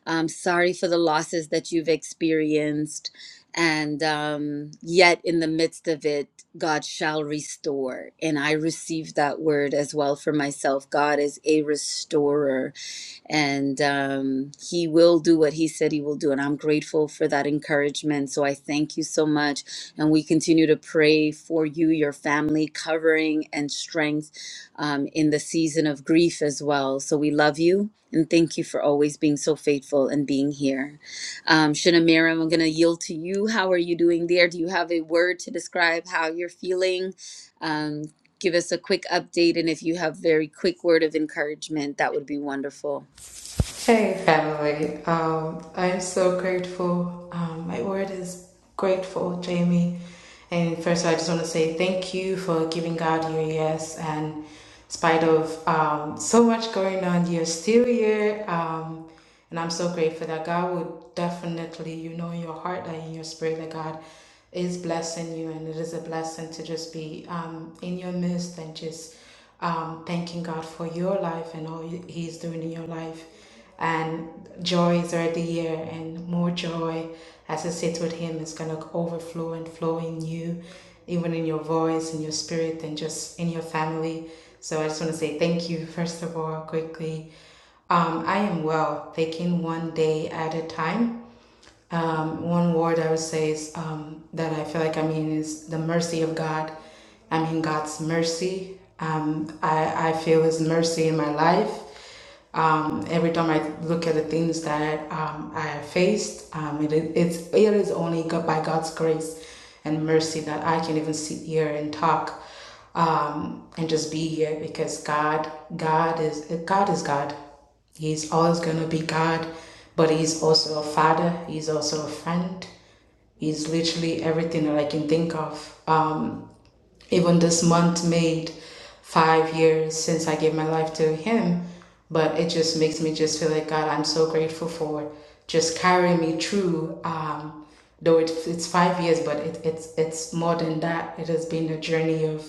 Speaker 1: I'm sorry for the losses that you've experienced. And um, yet, in the midst of it, God shall restore. And I received that word as well for myself. God is a restorer and um, he will do what he said he will do and i'm grateful for that encouragement so i thank you so much and we continue to pray for you your family covering and strength um, in the season of grief as well so we love you and thank you for always being so faithful and being here um, shinamira i'm going to yield to you how are you doing there do you have a word to describe how you're feeling um, give us a quick update and if you have very quick word of encouragement that would be wonderful
Speaker 3: Hey, family. Um, I'm so grateful. Um, my word is grateful, Jamie. And first, I just want to say thank you for giving God your yes. And in spite of um, so much going on, you're still here. Um, and I'm so grateful that God would definitely, you know, in your heart and in your spirit, that God is blessing you. And it is a blessing to just be um, in your midst and just um, thanking God for your life and all He's doing in your life and joy is already here, and more joy as you sit with him is going to overflow and flow in you even in your voice in your spirit and just in your family so i just want to say thank you first of all quickly um, i am well taking one day at a time um, one word I would say is um, that I feel like I mean is the mercy of God. I mean God's mercy. Um, I, I feel His mercy in my life. Um, every time I look at the things that um, I have faced, um, it, is- it's it is only God, by God's grace and mercy that I can even sit here and talk um, and just be here because God God is God is God. He's always going to be God, but He's also a father. He's also a friend. He's literally everything that I can think of. Um, even this month made five years since I gave my life to Him. But it just makes me just feel like God, I'm so grateful for just carrying me through. Um, though it, it's five years, but it, it's it's more than that. It has been a journey of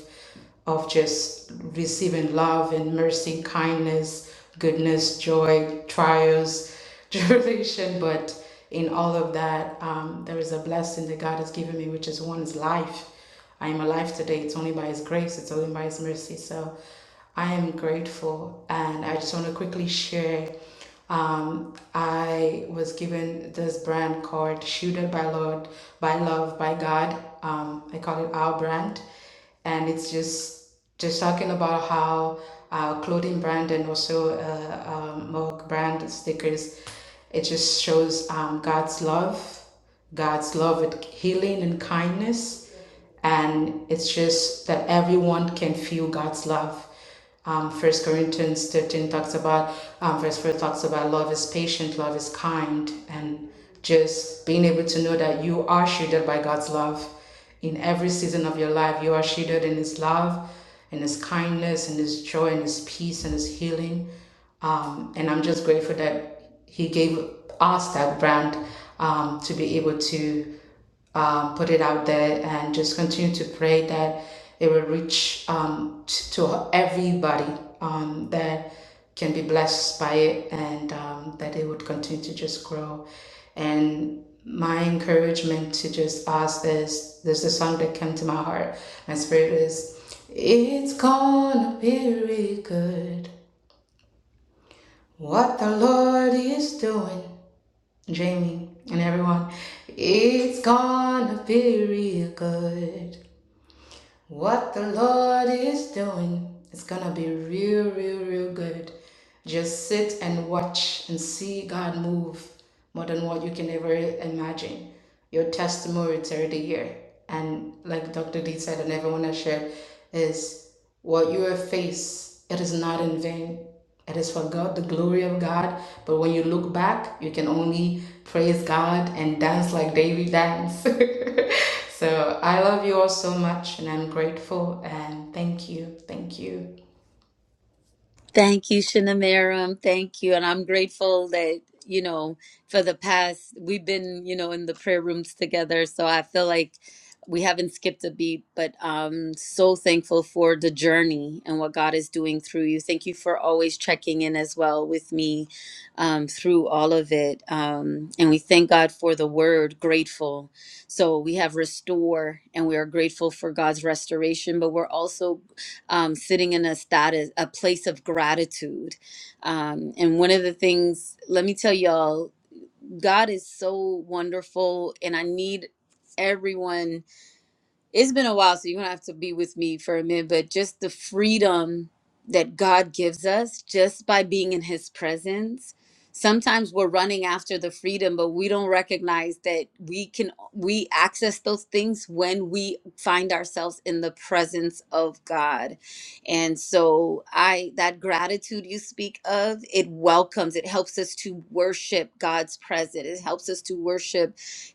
Speaker 3: of just receiving love and mercy, kindness, goodness, joy, trials, tribulation. But in all of that, um, there is a blessing that God has given me, which is one's life. I am alive today. It's only by His grace, it's only by His mercy. So I am grateful. And I just want to quickly share um, I was given this brand called Shielded by Lord, by Love, by God. Um, I call it our brand. And it's just just talking about how our clothing brand and also uh, um, mug brand stickers, it just shows um, God's love, God's love with healing and kindness and it's just that everyone can feel God's love. Um, First Corinthians thirteen talks about um, verse four talks about love is patient, love is kind, and just being able to know that you are shielded by God's love in every season of your life. You are shielded in His love, in His kindness, in His joy, in His peace, and His healing. Um, and I'm just grateful that He gave us that brand um, to be able to um, put it out there and just continue to pray that it will reach um, t- to everybody um, that can be blessed by it and um, that it would continue to just grow. And my encouragement to just ask this there's a song that came to my heart. My spirit is, It's gonna be really good what the Lord is doing. Jamie and everyone. It's gonna be real good. What the Lord is doing is gonna be real, real, real good. Just sit and watch and see God move more than what you can ever imagine. Your testimony is already here. And like Dr. D said and everyone has shared, is what you have faced, it is not in vain. It is for God, the glory of God. But when you look back, you can only praise God and dance like David danced. so I love you all so much and I'm grateful and thank you. Thank you.
Speaker 1: Thank you, Shinamaram. Thank you. And I'm grateful that, you know, for the past, we've been, you know, in the prayer rooms together. So I feel like we haven't skipped a beat, but I'm so thankful for the journey and what God is doing through you. Thank you for always checking in as well with me um, through all of it. Um, and we thank God for the word grateful. So we have restore and we are grateful for God's restoration, but we're also um, sitting in a status, a place of gratitude. Um, and one of the things, let me tell y'all, God is so wonderful, and I need everyone it's been a while, so you're gonna have to be with me for a minute, but just the freedom that God gives us just by being in his presence. Sometimes we're running after the freedom, but we don't recognize that we can we access those things when we find ourselves in the presence of God. And so I that gratitude you speak of, it welcomes, it helps us to worship God's presence. It helps us to worship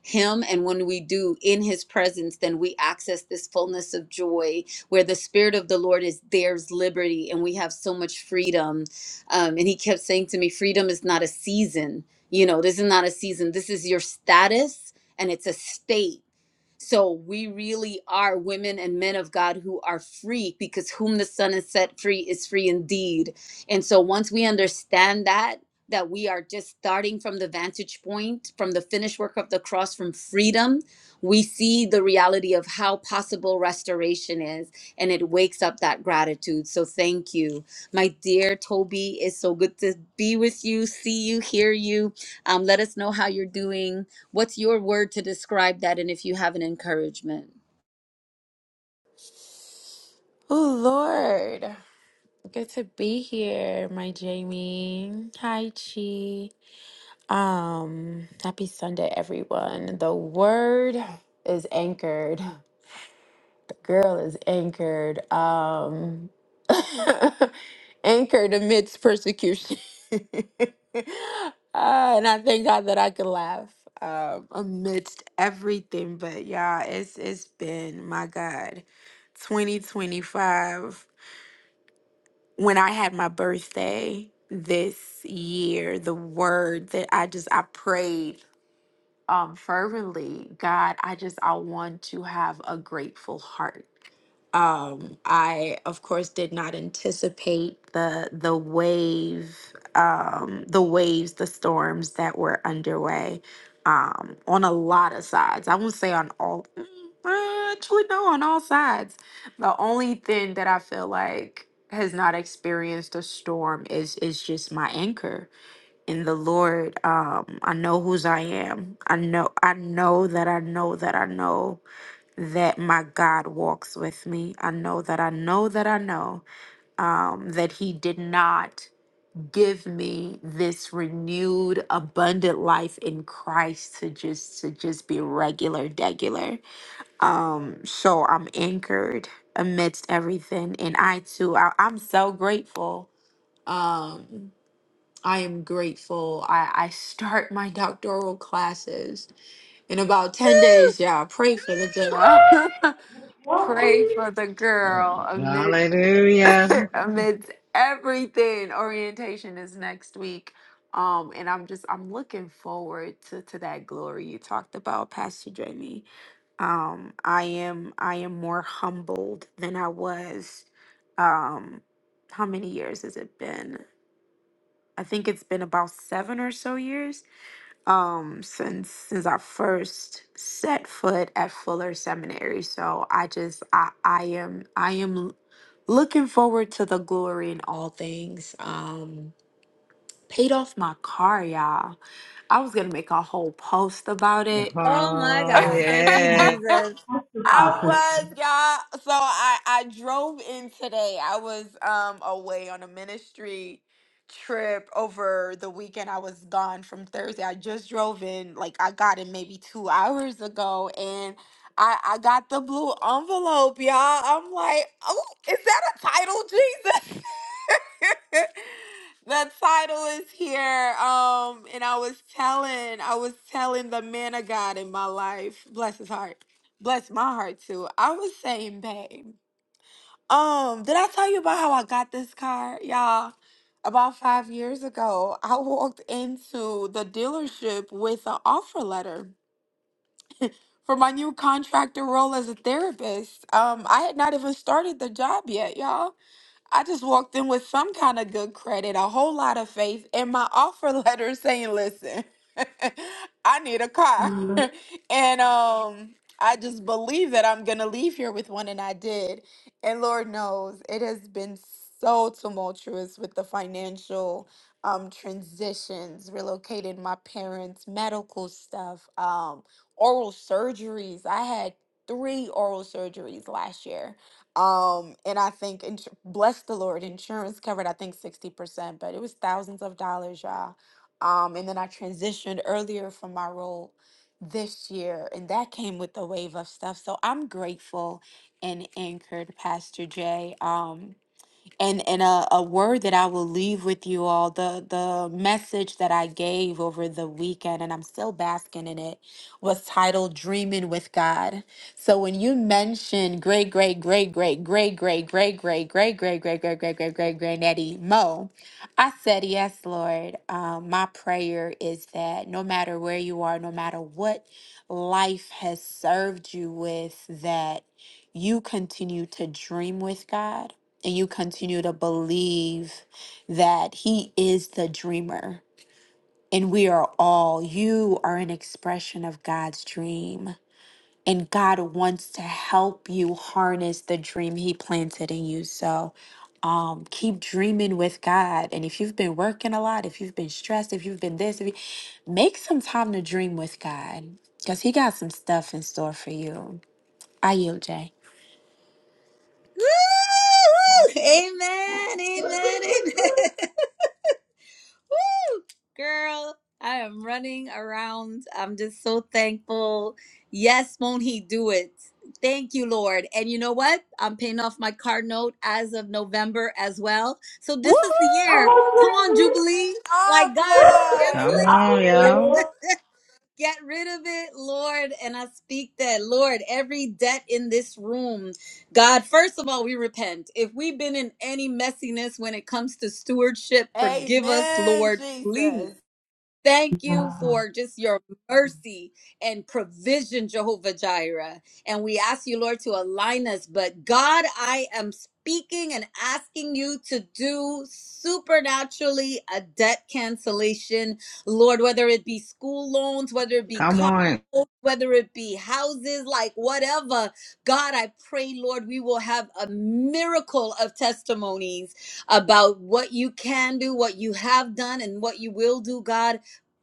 Speaker 1: him and when we do in his presence then we access this fullness of joy where the spirit of the lord is there's liberty and we have so much freedom um, and he kept saying to me freedom is not a season you know this is not a season this is your status and it's a state so we really are women and men of God who are free because whom the Son has set free is free indeed. And so once we understand that, that we are just starting from the vantage point, from the finished work of the cross, from freedom, we see the reality of how possible restoration is, and it wakes up that gratitude. So thank you. My dear Toby, it's so good to be with you, see you, hear you. Um, let us know how you're doing What's your word to describe that? And if you have an encouragement,
Speaker 4: Oh, Lord. Good to be here, my Jamie. Hi, Chi. Um, happy Sunday, everyone. The word is anchored. The girl is anchored. Um, anchored amidst persecution. Ah, and I thank God that I could laugh um, amidst everything. But yeah, it's it's been my God. Twenty when I had my birthday this year, the word that I just I prayed fervently god i just i want to have a grateful heart um i of course did not anticipate your way on all Mm, uh, actually no on all sides the only thing that i feel like has not experienced a storm is is just my anchor in the lord um i know whose i am i know i know that i know that i know that my god walks with me i know that i know that i know um, that he did not give me this renewed abundant life in christ to just to just be regular degular um so i'm anchored amidst everything and i too I, i'm so grateful um i am grateful i i start my doctoral classes in about 10 days Yeah, pray for the dinner. Pray for the girl amid
Speaker 2: Hallelujah.
Speaker 4: amidst everything. Orientation is next week. Um, and I'm just I'm looking forward to, to that glory you talked about, Pastor Jamie. Um, I am I am more humbled than I was. Um, how many years has it been? I think it's been about seven or so years um since since I first set foot at Fuller Seminary. So I just I I am I am l- looking forward to the glory in all things. Um paid off my car, y'all. I was gonna make a whole post about it
Speaker 1: Oh my
Speaker 2: Oh,
Speaker 1: God. Thank you,
Speaker 2: yeah.
Speaker 1: Jesus.
Speaker 4: I was, y'all. So I I drove in today. I was um away on a ministry trip over the weekend. I was gone from Thursday. I just drove in. Like I got it maybe two hours ago, and I I got the blue envelope, y'all. I'm like, oh, is that a title, Jesus? the title is here. Um, and I was telling, I was telling the man of God in my life, bless his heart. Bless my heart too. I was saying, babe. Um, did I tell you about how I got this car, y'all? About five years ago, I walked into the dealership with an offer letter for my new contractor role as a therapist. Um, I had not even started the job yet, y'all. I just walked in with some kind of good credit, a whole lot of faith, and my offer letter saying, listen, I need a car. and um I just believe that I'm gonna leave here with one and I did. And Lord knows it has been so tumultuous with the financial um transitions, relocating my parents, medical stuff, um, oral surgeries. I had three oral surgeries last year um, and I think, ins- bless the Lord, insurance covered, I think 60%, but it was thousands of dollars, y'all. Um, and then I transitioned earlier from my role this year, and that came with the wave of stuff. So I'm grateful and anchored, Pastor Jay. Um, and and a, a word that I will leave with you all the the message that I gave over the weekend and I'm still basking in it was titled dreaming with God so when you mention great great great great great great great great great great great great great great great great granddaddy Mo I said, Yes, Lord. Um, my prayer is that no matter where you are, no matter what life has served you with, that you continue to dream with God and you continue to believe that He is the dreamer. And we are all, you are an expression of God's dream. And God wants to help you harness the dream He planted in you. So, keep dreaming with God. And if you've been working a lot, if you've been stressed, if you've been this, if you, make some time to dream with God because He got some stuff in store for you. I yield, Jay.
Speaker 1: Woo! Amen. Amen. Amen. Woo! Girl, I am running around. I'm just so thankful. Yes, won't he do it? Thank you, Lord. And you know what? I'm paying off my card note as of November as well. So
Speaker 4: Woo!
Speaker 1: this is the year. Come on, Jubilee.
Speaker 4: Take off,
Speaker 1: Like God,
Speaker 4: Lord.
Speaker 1: cancel
Speaker 2: Come
Speaker 1: it.
Speaker 2: on, y'all.
Speaker 1: Get rid of it, Lord. And I speak that, Lord, every debt in this room, God, first of all, we repent. If we've been in any messiness when it comes to stewardship, forgive us,
Speaker 4: Amen,
Speaker 1: Lord, please.
Speaker 4: Jesus.
Speaker 1: Thank you for just your mercy and provision, Jehovah Jireh. And we ask you, Lord, to align us. But God, I am speaking and asking you to do supernaturally a debt cancellation, Lord, whether it be school loans, whether it be
Speaker 2: Come
Speaker 1: car
Speaker 2: on.
Speaker 1: whether it be houses, like whatever. God, I pray, Lord, we will have a miracle of testimonies about what you can do, what you have done, and what you will do, God.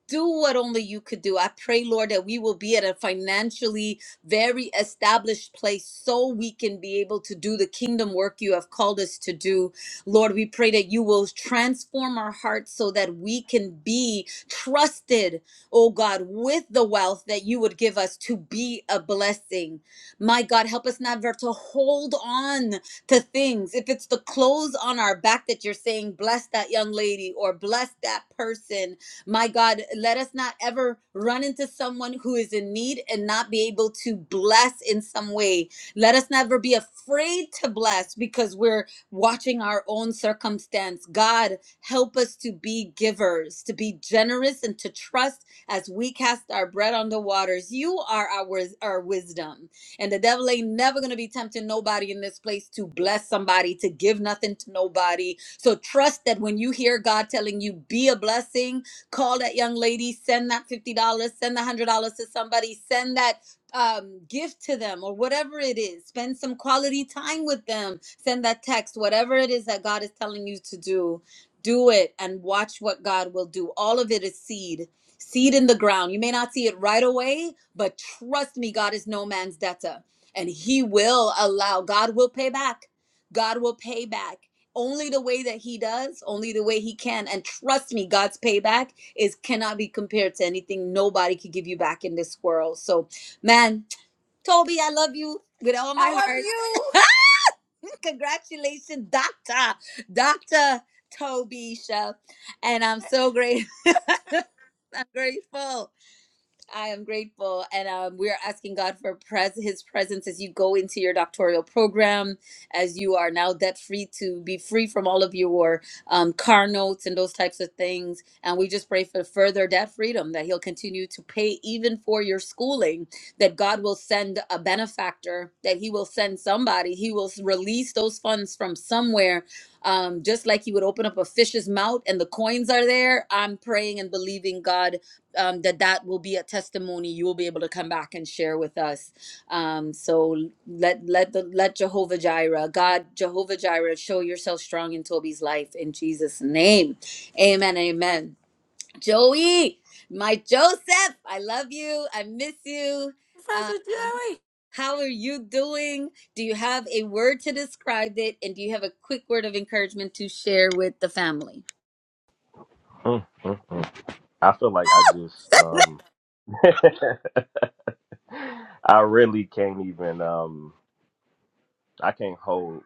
Speaker 1: Do what only you could do. I pray, Lord, that we will be at a financially very established place so we can be able to do the kingdom work you have called us to do. Lord, we pray that you will transform our hearts so that we can be trusted oh God, with the wealth that you would give us to be a blessing. My God, help us never to hold on to things. If it's the clothes on our back that you're saying, bless that young lady or bless that person, my God, let us not ever run into someone who is in need and not be able to bless in some way. Let us never be afraid to bless because we're watching our own circumstance. God, help us to be givers, to be generous, and to trust as we cast our bread on the waters. You are our, our wisdom. And the devil ain't never going to be tempting nobody in this place to bless somebody, to give nothing to nobody. So trust that when you hear God telling you, be a blessing, call that young lady, send that $50, send the $100 to somebody, send that um, gift to them or whatever it is. Spend some quality time with them. Send that text, whatever it is that God is telling you to do. Do it and watch what God will do. All of it is seed seed in the ground. You may not see it right away, but trust me, God is no man's debtor. And He will allow, God will pay back. God will pay back only the way that He does, only the way He can. And trust me, God's payback is cannot be compared to anything nobody could give you back in this world. So, man, Toby, I love you with all
Speaker 4: How
Speaker 1: my
Speaker 4: are
Speaker 1: heart.
Speaker 4: you,
Speaker 1: Congratulations, Doctor, Doctor Toby Chef. And I'm so grateful. I'm grateful. I am grateful, and um, we are asking God for pres- His presence as you go into your doctoral program, as you are now debt free to be free from all of your um, car notes and those types of things. And we just pray for further debt freedom that He'll continue to pay even for your schooling. That God will send a benefactor, that He will send somebody, He will s- release those funds from somewhere. Um, just like he would open up a fish's mouth and the coins are there, I'm praying and believing God um, that that will be a testimony you will be able to come back and share with us. Um, so let let the let Jehovah Jireh, God Jehovah Jireh, show yourself strong in Toby's life in Jesus' name. Amen. Amen. Joey, my Joseph, I love you. I miss you.
Speaker 4: Professor
Speaker 1: Uh,
Speaker 4: Jerry?
Speaker 1: how are you doing? Do you have a word to describe it? And do you have a quick word of encouragement to share with the family?
Speaker 5: Mm, mm, mm. I feel like I just um I really can't even um I can't hold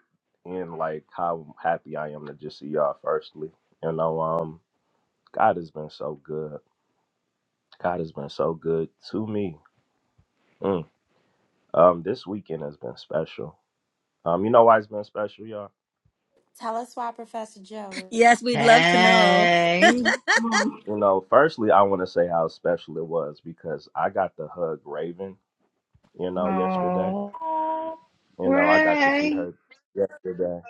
Speaker 5: in like how happy I am to just see y'all firstly. You know, um God has been so good. God has been so good to me. Mm. Um this weekend has been special. Um you know why it's been special, y'all?
Speaker 4: Tell us
Speaker 1: Yes, we'd love to know.
Speaker 2: Hey,
Speaker 5: You know, firstly I wanna say how special it was because I got to hug Raven, you know, yesterday.
Speaker 2: oh,
Speaker 5: You know, I got to see
Speaker 2: Ray.
Speaker 5: her yesterday.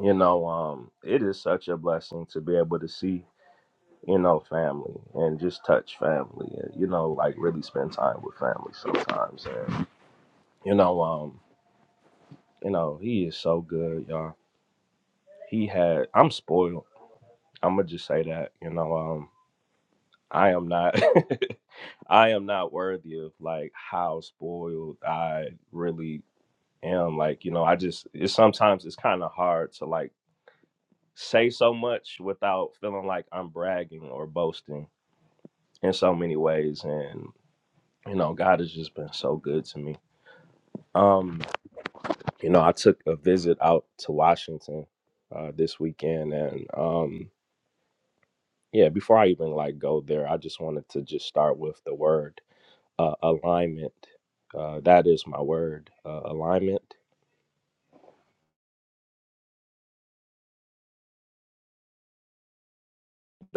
Speaker 5: You know, um, it is such a blessing to be able to see, you know, family and just touch family and, you know, like really spend time with family sometimes. And, you know, um, you know, he is so good, y'all. He had I'm spoiled. I'ma just say that, you know, um, I am not I am not worthy of like how spoiled I really am. Like, you know, I just it's sometimes it's kinda hard to like say so much without feeling like I'm bragging or boasting in so many ways and you know god has just been so good to me um you know i took a visit out to washington uh this weekend and um yeah before i even like go there i just wanted to just start with the word uh alignment uh that is my word uh alignment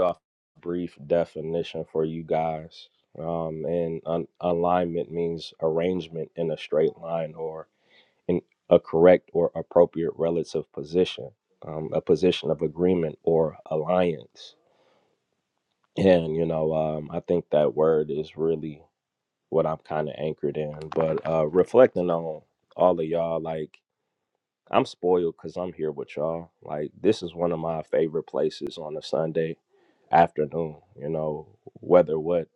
Speaker 5: off brief definition for you guys um and un- alignment means arrangement in a straight line or in a correct or appropriate relative position, um, a position of agreement or alliance. And, you know, um, I think that word is really what I'm kind of anchored in. But uh, reflecting on all of y'all, like, I'm spoiled because I'm here with y'all. Like, this is one of my favorite places on a Sunday afternoon, you know, whether what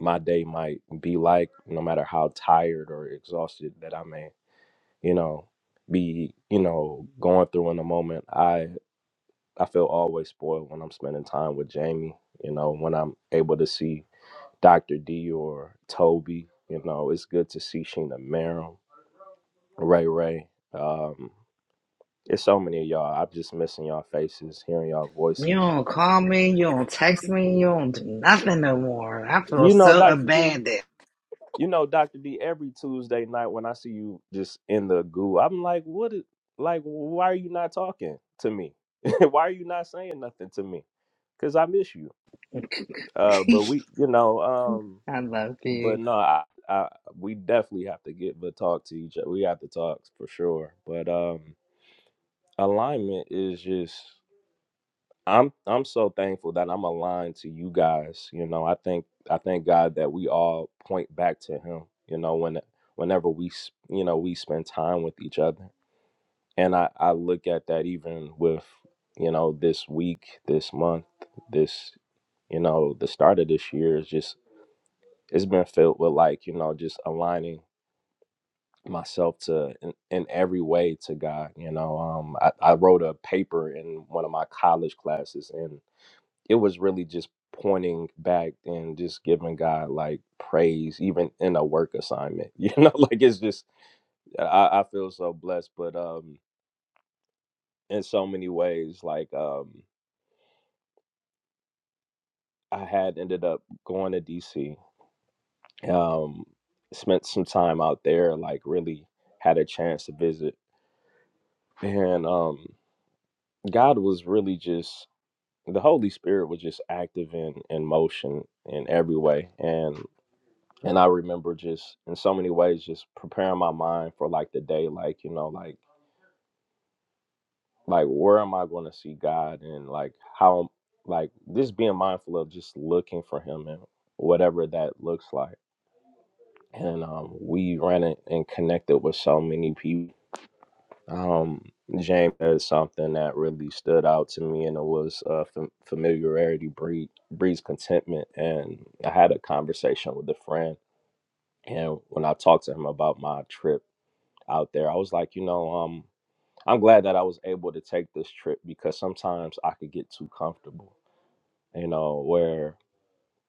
Speaker 5: my day might be like, no matter how tired or exhausted that I may. you know, be, you know, going through in the moment. I I feel always spoiled when I'm spending time with Jamie, you know, when I'm able to see Dr. D or Toby, you know, it's good to see Sheena Merrill, Ray Ray. Um, it's so many of y'all. I'm just missing y'all faces, hearing y'all
Speaker 2: You
Speaker 5: voices.
Speaker 2: don't call me, you don't text me, you don't do nothing no more. I feel
Speaker 5: You know,
Speaker 2: so
Speaker 5: Dr. D.
Speaker 2: abandoned.
Speaker 5: you know, Doctor D, every Tuesday night when I see you just in the goo, I'm like, what? Is, like, why are you not talking to me? why are you not saying nothing to me? Because I miss you. Uh, but we, you know, um,
Speaker 2: I love
Speaker 5: but
Speaker 2: you.
Speaker 5: no, I, I, we definitely have to get but talk to each other. We have to talk for sure. But um, alignment is just. I'm I'm so thankful that I'm aligned to you guys. You know, I think I thank God that we all point back to Him. You know, when whenever we s- you know we spend time with each other, and I I look at that even with you know this week, this month, this you know the start of this year is just it's been filled with like you know just aligning myself to in, in every way to God. You know, um, I, I wrote a paper in one of my college classes and it was really just pointing back and just giving God like praise, even in a work assignment. You know, like it's just I, I feel so blessed. But um in so many ways, like um I had ended up going to DC, um, spent some time out there, like really had a chance to visit. And um God was really just the Holy Spirit was just active in in motion in every way. And and I remember just in so many ways just preparing my mind for like the day, like you know, like like where am I going to see God and like how like just being mindful of just looking for Him and whatever that looks like. And um, we ran it and connected with so many people. Um, James said something that really stood out to me, and it was uh, fam- familiarity breed, breeds contentment. And I had a conversation with a friend, and when I talked to him about my trip out there. I was like, you know, um, I'm glad that I was able to take this trip because sometimes I could get too comfortable, you know, where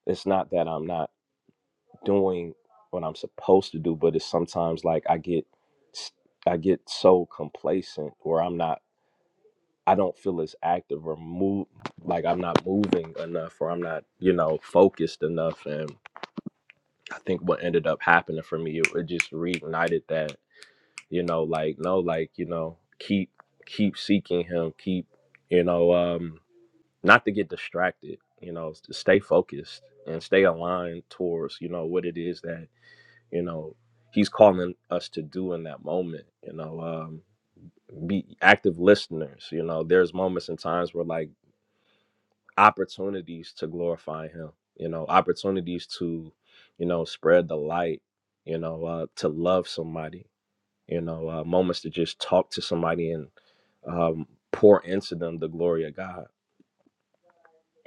Speaker 5: it's not that I'm not doing what I'm supposed to do, but it's sometimes like I get s- I get so complacent where I'm not I don't feel as active or move like I'm not moving enough or I'm not, you know, focused enough and I think what ended up happening for me, it, it just reignited that you know like no like you know keep keep seeking him keep you know um not to get distracted you know to stay focused and stay aligned towards you know what it is that you know he's calling us to do in that moment you know um be active listeners you know there's moments and times where like opportunities to glorify him you know opportunities to you know spread the light you know uh to love somebody you know, uh, moments to just talk to somebody and um, pour into them the glory of God.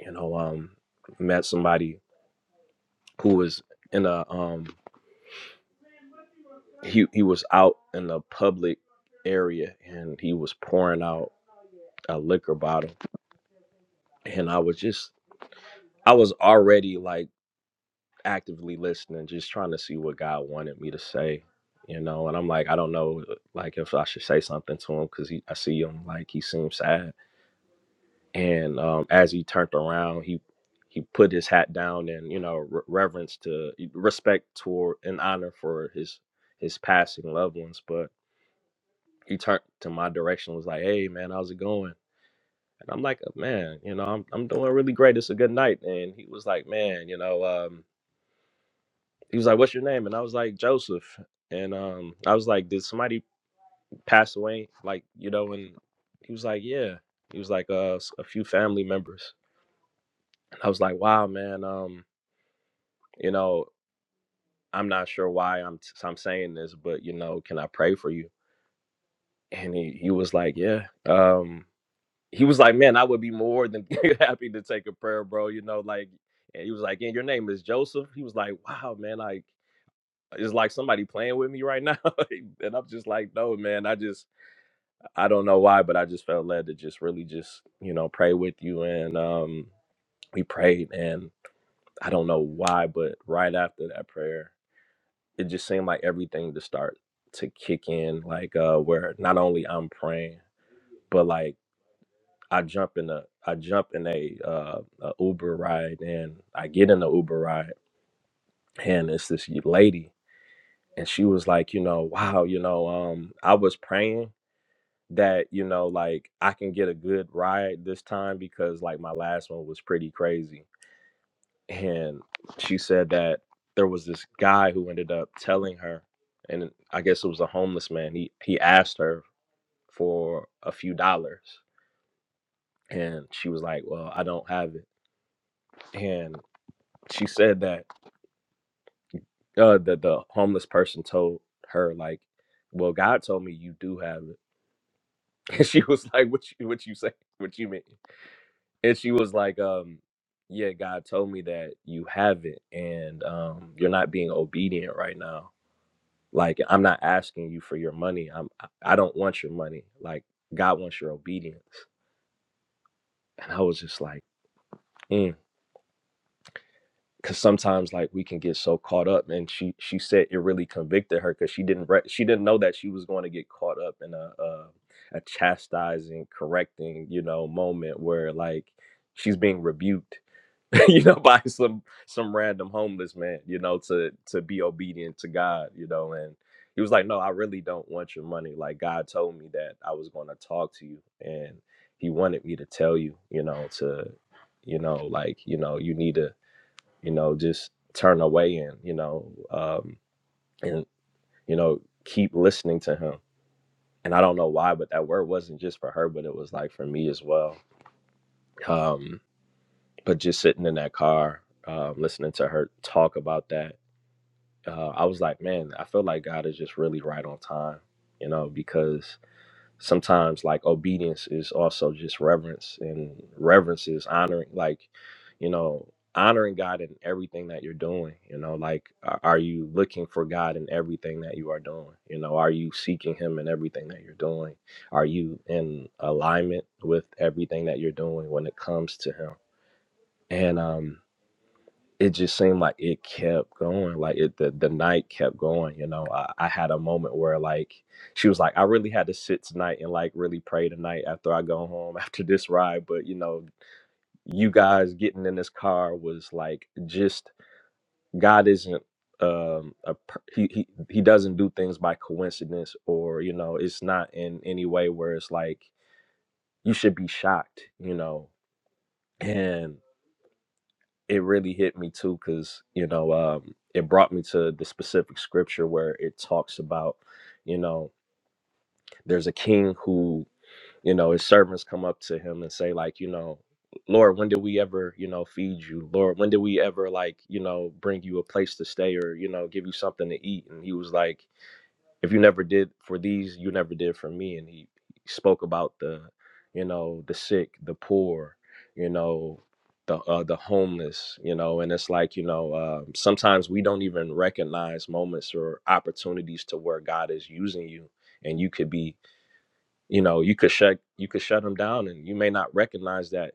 Speaker 5: You know, um, met somebody who was in a um, he he was out in a public area and he was pouring out a liquor bottle, and I was just I was already like actively listening, just trying to see what God wanted me to say. You know, and I'm like, I don't know, like if I should say something to him because I see him like he seems sad and um, as he turned around, he he put his hat down and you know re- reverence to respect toward and honor for his his passing loved ones. But he turned to my direction, was like, "Hey man, how's it going?" And I'm like, "Oh, "Man, you know, I'm I'm doing really great. It's a good night." And he was like, "Man, you know," um, he was like, "What's your name?" And I was like, "Joseph." And um, I was like, "Did somebody pass away?" Like you know, and he was like, "Yeah." He was like, "Uh, "S- a few family members." And I was like, "Wow, man." Um, you know, I'm not sure why I'm t- so I'm saying this, but you know, can I pray for you? And he, he was like, yeah. Um, he was like, man, I would be more than happy to take a prayer, bro. You know, like, and he was like, and your name is Joseph. He was like, wow, man, like it's like somebody playing with me right now. and I'm just like, no, man, I just I don't know why, but I just felt led to just really just you know pray with you, and um, we prayed, and I don't know why, but right after that prayer it just seemed like everything to start to kick in like uh where not only i'm praying but like i jump in a i jump in a uh a uber ride and i get in the uber ride and it's this lady and she was like you know wow you know um i was praying that you know like i can get a good ride this time because like my last one was pretty crazy and she said that there was this guy who ended up telling her and i guess it was a homeless man he he asked her for a few dollars and she was like well i don't have it and she said that uh that the homeless person told her like well god told me you do have it and she was like what you what you say what you mean and she was like um yeah god told me that you have it and um you're not being obedient right now Like I'm not asking you for your money. I'm I don't want your money. Like God wants your obedience. And I was just like, mm. Cause sometimes like we can get so caught up, and she she said it really convicted her because she didn't re- she didn't know that she was going to get caught up in a, a a chastising, correcting, you know, moment where like she's being rebuked you know, by some some random homeless man, you know, to to be obedient to God, you know, and he was like, "No, I really don't want your money. Like God told me that I was going to talk to you and he wanted me to tell you, you know, to you know, like, you know, you need to, you know, just turn away and, you know, um and you know, keep listening to him." And I don't know why, but that word wasn't just for her, but it was like for me as well. Um but just sitting in that car, um, listening to her talk about that, uh, I was like, man, I feel like God is just really right on time, you know, because sometimes like obedience is also just reverence, and reverence is honoring, like, you know, honoring God in everything that you're doing, you know, like, a- are you looking for God in everything that you are doing? You know, are you seeking Him in everything that you're doing? Are you in alignment with everything that you're doing when it comes to Him? And, um, it just seemed like it kept going like it the, the night kept going you know I, I had a moment where like she was like i really had to sit tonight and like really pray tonight after i go home after this ride but you know you guys getting in this car was like just god isn't um a per- he, he he doesn't do things by coincidence or you know it's not in any way where it's like you should be shocked you know and. it really hit me too because you know um, it brought me to the specific scripture where it talks about you know there's a king who you know his servants come up to him and say like you know lord when did we ever you know feed you lord when did we ever like you know bring you a place to stay or you know give you something to eat and he was like if you never did for these, you never did for me. And he he spoke about the, you know, the sick, the poor, you know, the uh, the homeless, you know. And it's like, you know, um, sometimes we don't even recognize moments or opportunities to where God is using you, and you could be, you know, you could shut you could shut them down, and you may not recognize that,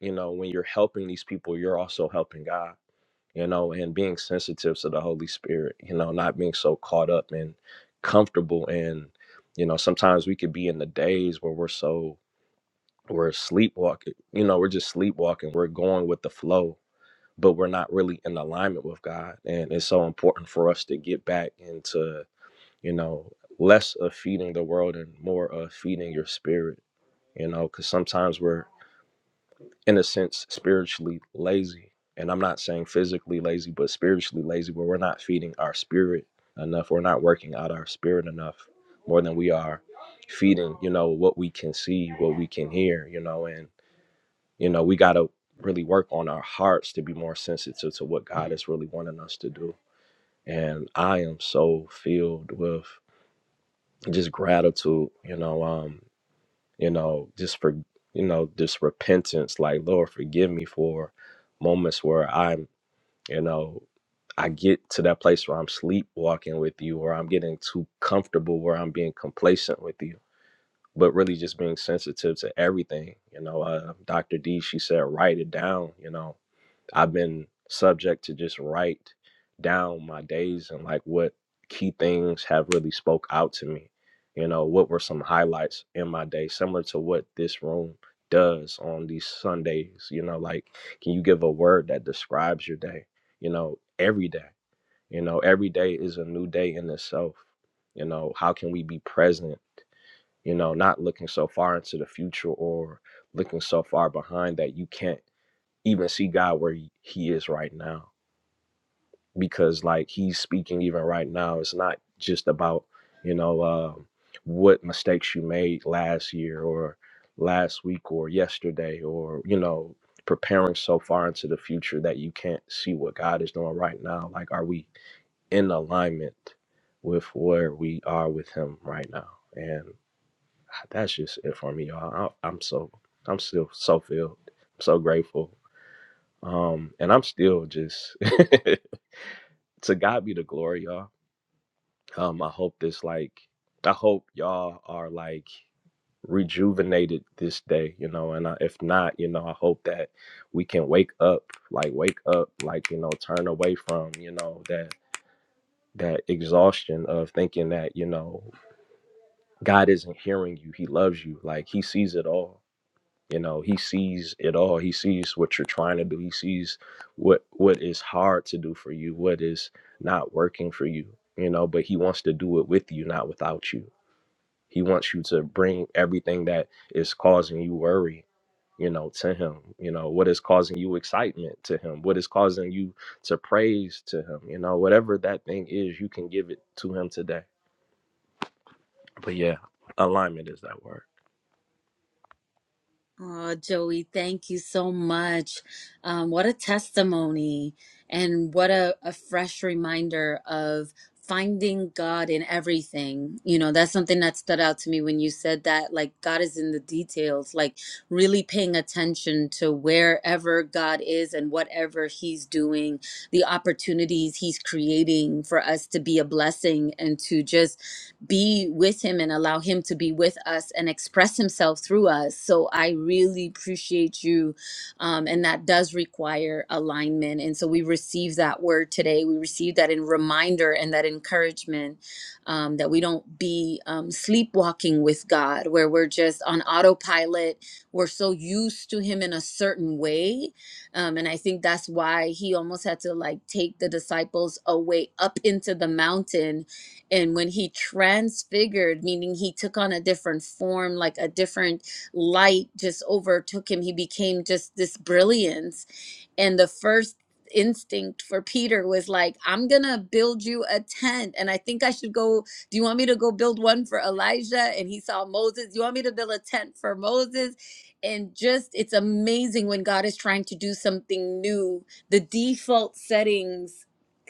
Speaker 5: you know, when you're helping these people, you're also helping God you know, and being sensitive to the Holy Spirit, you know, not being so caught up and comfortable. And, you know, sometimes we could be in the days where we're so, we're sleepwalking, you know, we're just sleepwalking, we're going with the flow, but we're not really in alignment with God. And it's so important for us to get back into, you know, less of feeding the world and more of feeding your spirit, you know, because sometimes we're, in a sense spiritually lazy and i'm not saying physically lazy but spiritually lazy where we're not feeding our spirit enough we're not working out our spirit enough more than we are feeding you know what we can see what we can hear you know and you know we got to really work on our hearts to be more sensitive to what god is really wanting us to do and i am so filled with just gratitude you know um, you know just for you know just repentance like lord forgive me for moments where i'm you know i get to that place where i'm sleepwalking with you or i'm getting too comfortable where i'm being complacent with you but really just being sensitive to everything you know uh, dr d she said write it down you know I've been subject to just write down my days and like what key things have really spoke out to me. You know, what were some highlights in my day, similar to what this room does on these Sundays. You know, like can you give a word that describes your day? You know, every day. You know, every day is a new day in itself. You know, how can we be present? You know, not looking so far into the future or looking so far behind that you can't even see God where he is right now. Because like he's speaking even right now, it's not just about, you know, um what mistakes you made last year or last week or yesterday or, you know, preparing so far into the future that you can't see what God is doing right now. Like are we in alignment with where we are with him right now? And that's just it for me, y'all. I, I'm so I'm still so filled, so grateful um, and I'm still just to God be the glory, y'all. Um, I hope this like I hope y'all are like rejuvenated this day, you know. And I, if not, you know, I hope that we can wake up, like wake up, like you know, turn away from you know that that exhaustion of thinking that you know God isn't hearing you, He loves you, like He sees it all you know he sees it all he sees what you're trying to do he sees what what is hard to do for you what is not working for you you know but he wants to do it with you not without you he wants you to bring everything that is causing you worry you know to him you know what is causing you excitement to him what is causing you to praise to him you know whatever that thing is you can give it to him today but yeah alignment is that word
Speaker 1: Oh, Joey, thank you so much. Um, what a testimony, and what a, a fresh reminder of finding God in everything. You know, that's something that stood out to me when you said that, like, God is in the details, like, really paying attention to wherever God is and whatever He's doing, the opportunities He's creating for us to be a blessing and to just be with him and allow him to be with us and express himself through us. So I really appreciate you. Um, and that does require alignment. And so we receive that word today. We receive that in reminder and that encouragement um, that we don't be um, sleepwalking with God, where we're just on autopilot. We're so used to him in a certain way. Um, and I think that's why he almost had to like take the disciples away up into the mountain and when he transfigured meaning he took on a different form like a different light just overtook him he became just this brilliance and the first instinct for peter was like i'm gonna build you a tent and i think i should go do you want me to go build one for elijah and he saw moses you want me to build a tent for moses and just it's amazing when god is trying to do something new the default settings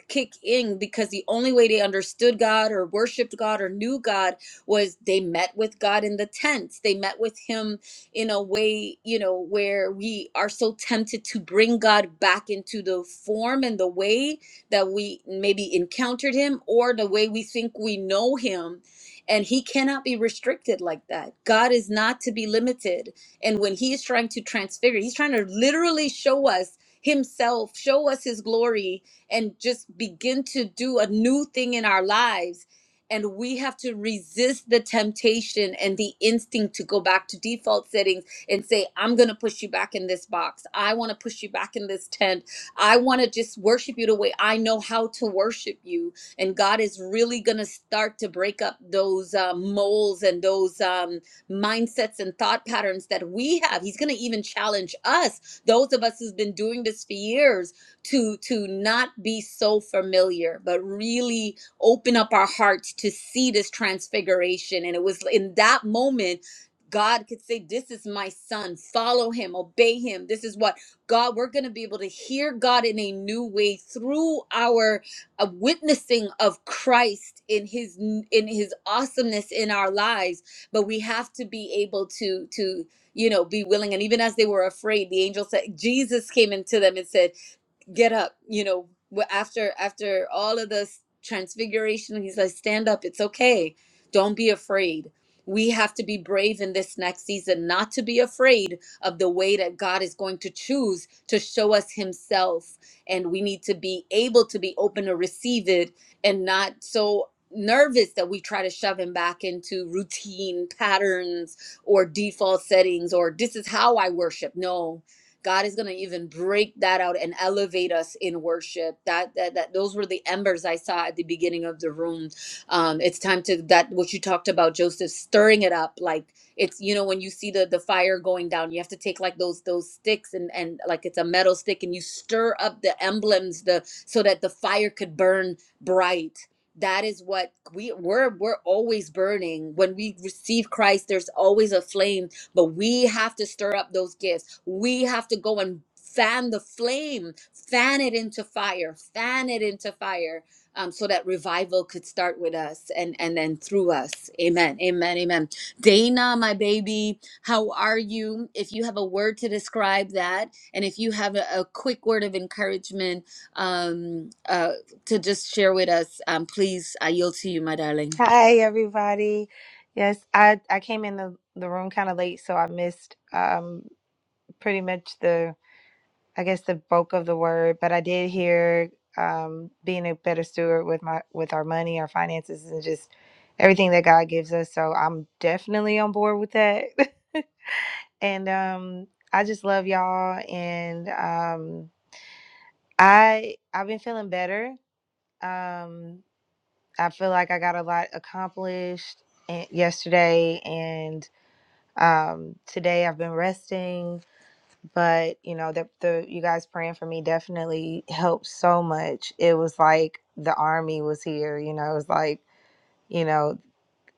Speaker 1: kick in because the only way they understood God or worshiped God or knew God was they met with God in the tents. They met with Him in a way, you know, where we are so tempted to bring God back into the form and the way that we maybe encountered Him or the way we think we know Him. And He cannot be restricted like that. God is not to be limited. And when He is trying to transfigure, He's trying to literally show us Himself, show us His glory and just begin to do a new thing in our lives. And we have to resist the temptation and the instinct to go back to default settings and say, I'm going to push you back in this box. I want to push you back in this tent. I want to just worship you the way I know how to worship you. And God is really going to start to break up those uh, moles and those um, mindsets and thought patterns that we have. He's going to even challenge us, those of us who have been doing this for years to to not be so familiar but really open up our hearts to see this transfiguration and it was in that moment God could say, This is my son. Follow him, obey him. This is what God, we're going to be able to hear God in a new way through our uh, witnessing of Christ in his in his awesomeness in our lives. But we have to be able to to you know be willing. And even as they were afraid, the angel said, Jesus came into them and said get up you know after after all of this transfiguration he's like stand up it's okay don't be afraid we have to be brave in this next season not to be afraid of the way that god is going to choose to show us himself and we need to be able to be open to receive it and not so nervous that we try to shove him back into routine patterns or default settings or this is how i worship no God is going to even break that out and elevate us in worship. That, that that those were the embers I saw at the beginning of the room. Um, it's time to that what you talked about, Joseph, stirring it up. Like it's you know when you see the the fire going down, you have to take like those those sticks and and like it's a metal stick and you stir up the emblems the so that the fire could burn bright that is what we we're we're always burning when we receive christ there's always a flame but we have to stir up those gifts. We have to go and fan the flame, fan it into fire, fan it into fire. Um, so that revival could start with us and and then through us amen amen amen dana my baby how are you if you have a word to describe that and if you have a, a quick word of encouragement um uh to just share with us um please i yield to you my darling
Speaker 6: Hi everybody. Yes, I I came in the the room kind of late, so I missed um pretty much the I guess the bulk of the word, but I did hear um being a better steward with my with our money, our finances and just everything that God gives us. So I'm definitely on board with that. and um I just love y'all and um I I've been feeling better. Um I feel like I got a lot accomplished and yesterday um today i've been resting but you know the, the you guys praying for me definitely helped so much it was like the army was here you know it was like you know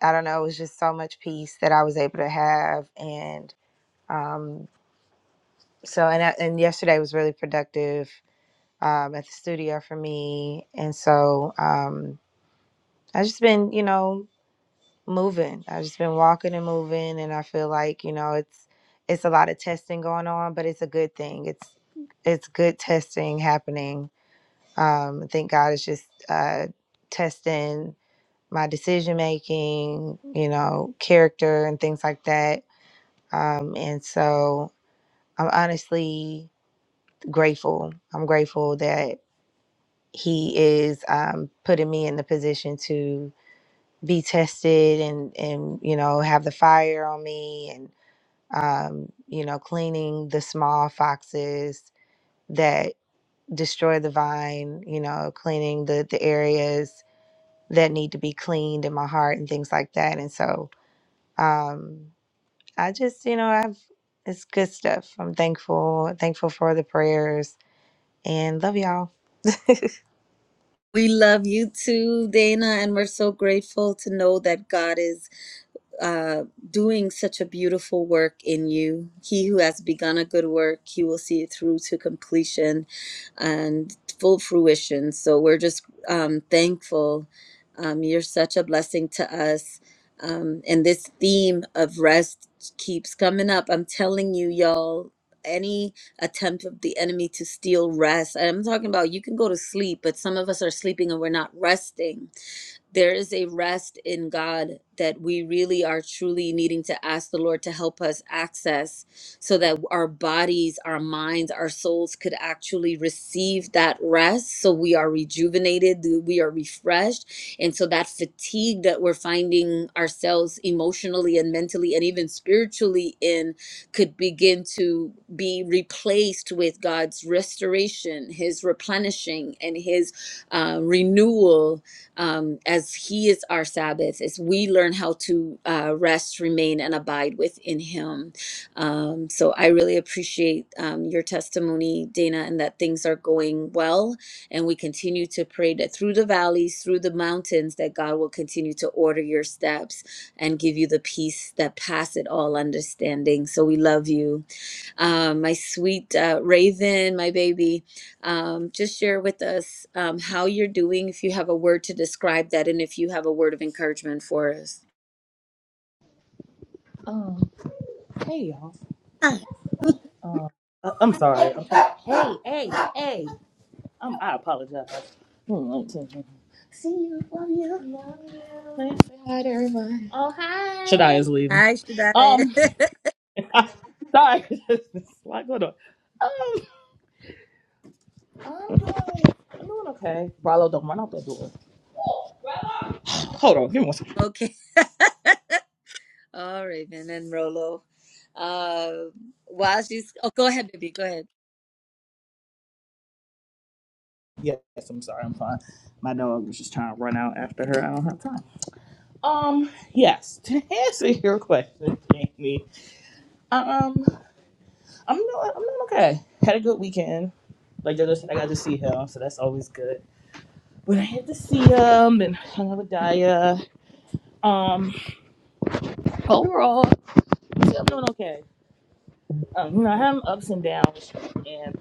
Speaker 6: i don't know it was just so much peace that i was able to have and um so and I, and yesterday was really productive um at the studio for me and so um i just been you know moving. I've just been walking and moving, and I feel like you know it's it's a lot of testing going on, but it's a good thing. It's it's good testing happening. Um, I think God is just uh, testing my decision making, you know, character and things like that. Um, and so I'm honestly grateful. I'm grateful that He is um, putting me in the position to be tested and and you know have the fire on me and um, you know, cleaning the small foxes that destroy the vine, you know, cleaning the, the areas that need to be cleaned in my heart and things like that. And so um, I just, you know, I've, it's good stuff. I'm thankful, thankful for the prayers and love y'all.
Speaker 1: We love you too, Dana, and we're so grateful to know that God is uh, doing such a beautiful work in you. He who has begun a good work, he will see it through to completion and full fruition. So we're just um, thankful. Um, you're such a blessing to us. Um, and this theme of rest keeps coming up. I'm telling you, y'all, any attempt of the enemy to steal rest, and I'm talking about you can go to sleep, but some of us are sleeping and we're not resting there is a rest in God that we really are truly needing to ask the Lord to help us access so that our bodies, our minds, our souls could actually receive that rest. So we are rejuvenated, we are refreshed. And so that fatigue that we're finding ourselves emotionally and mentally and even spiritually in could begin to be replaced with God's restoration, His replenishing, and His uh, renewal um, as He is our Sabbath, as we learn how to uh, rest, remain, and abide within Him. Um, so I really appreciate um, your testimony, Dana, and that things are going well. And we continue to pray that through the valleys, through the mountains, that God will continue to order your steps and give you the peace that passeth all understanding. So we love you um, my sweet uh, Raven, my baby. Um, just share with us um, how you're doing, if you have a word to describe that, and if you have a word of encouragement for us.
Speaker 7: Um, hey y'all.
Speaker 1: Ah,
Speaker 7: Uh, I'm sorry. Hey, I'm sorry. hey, hey, hey. Um, I apologize. Hmm, I'm too- See you. Love you. Love you. Please say hi to everybody. Shadia's leaving.
Speaker 1: Hi, Shadaya.
Speaker 7: Um, I, sorry. There's a lot going on. Um, I'm doing, I'm doing okay. Bravo, don't run out that door. Hold on. Give me one second.
Speaker 1: okay. All right, Raven and Rolo. Uh, while she's, oh, go ahead, baby. Go ahead.
Speaker 7: Yes, I'm sorry. I'm fine. My dog was just trying to run out after her. I don't have time. Um, yes. To answer your question, Jamie, um, I'm doing, I'm doing okay. Had a good weekend. Like JoJo said, I got to see him, so that's always good. But I had to see him and hung out with Daya. Um, overall, i am doing okay. Um, you know, I have ups and downs, and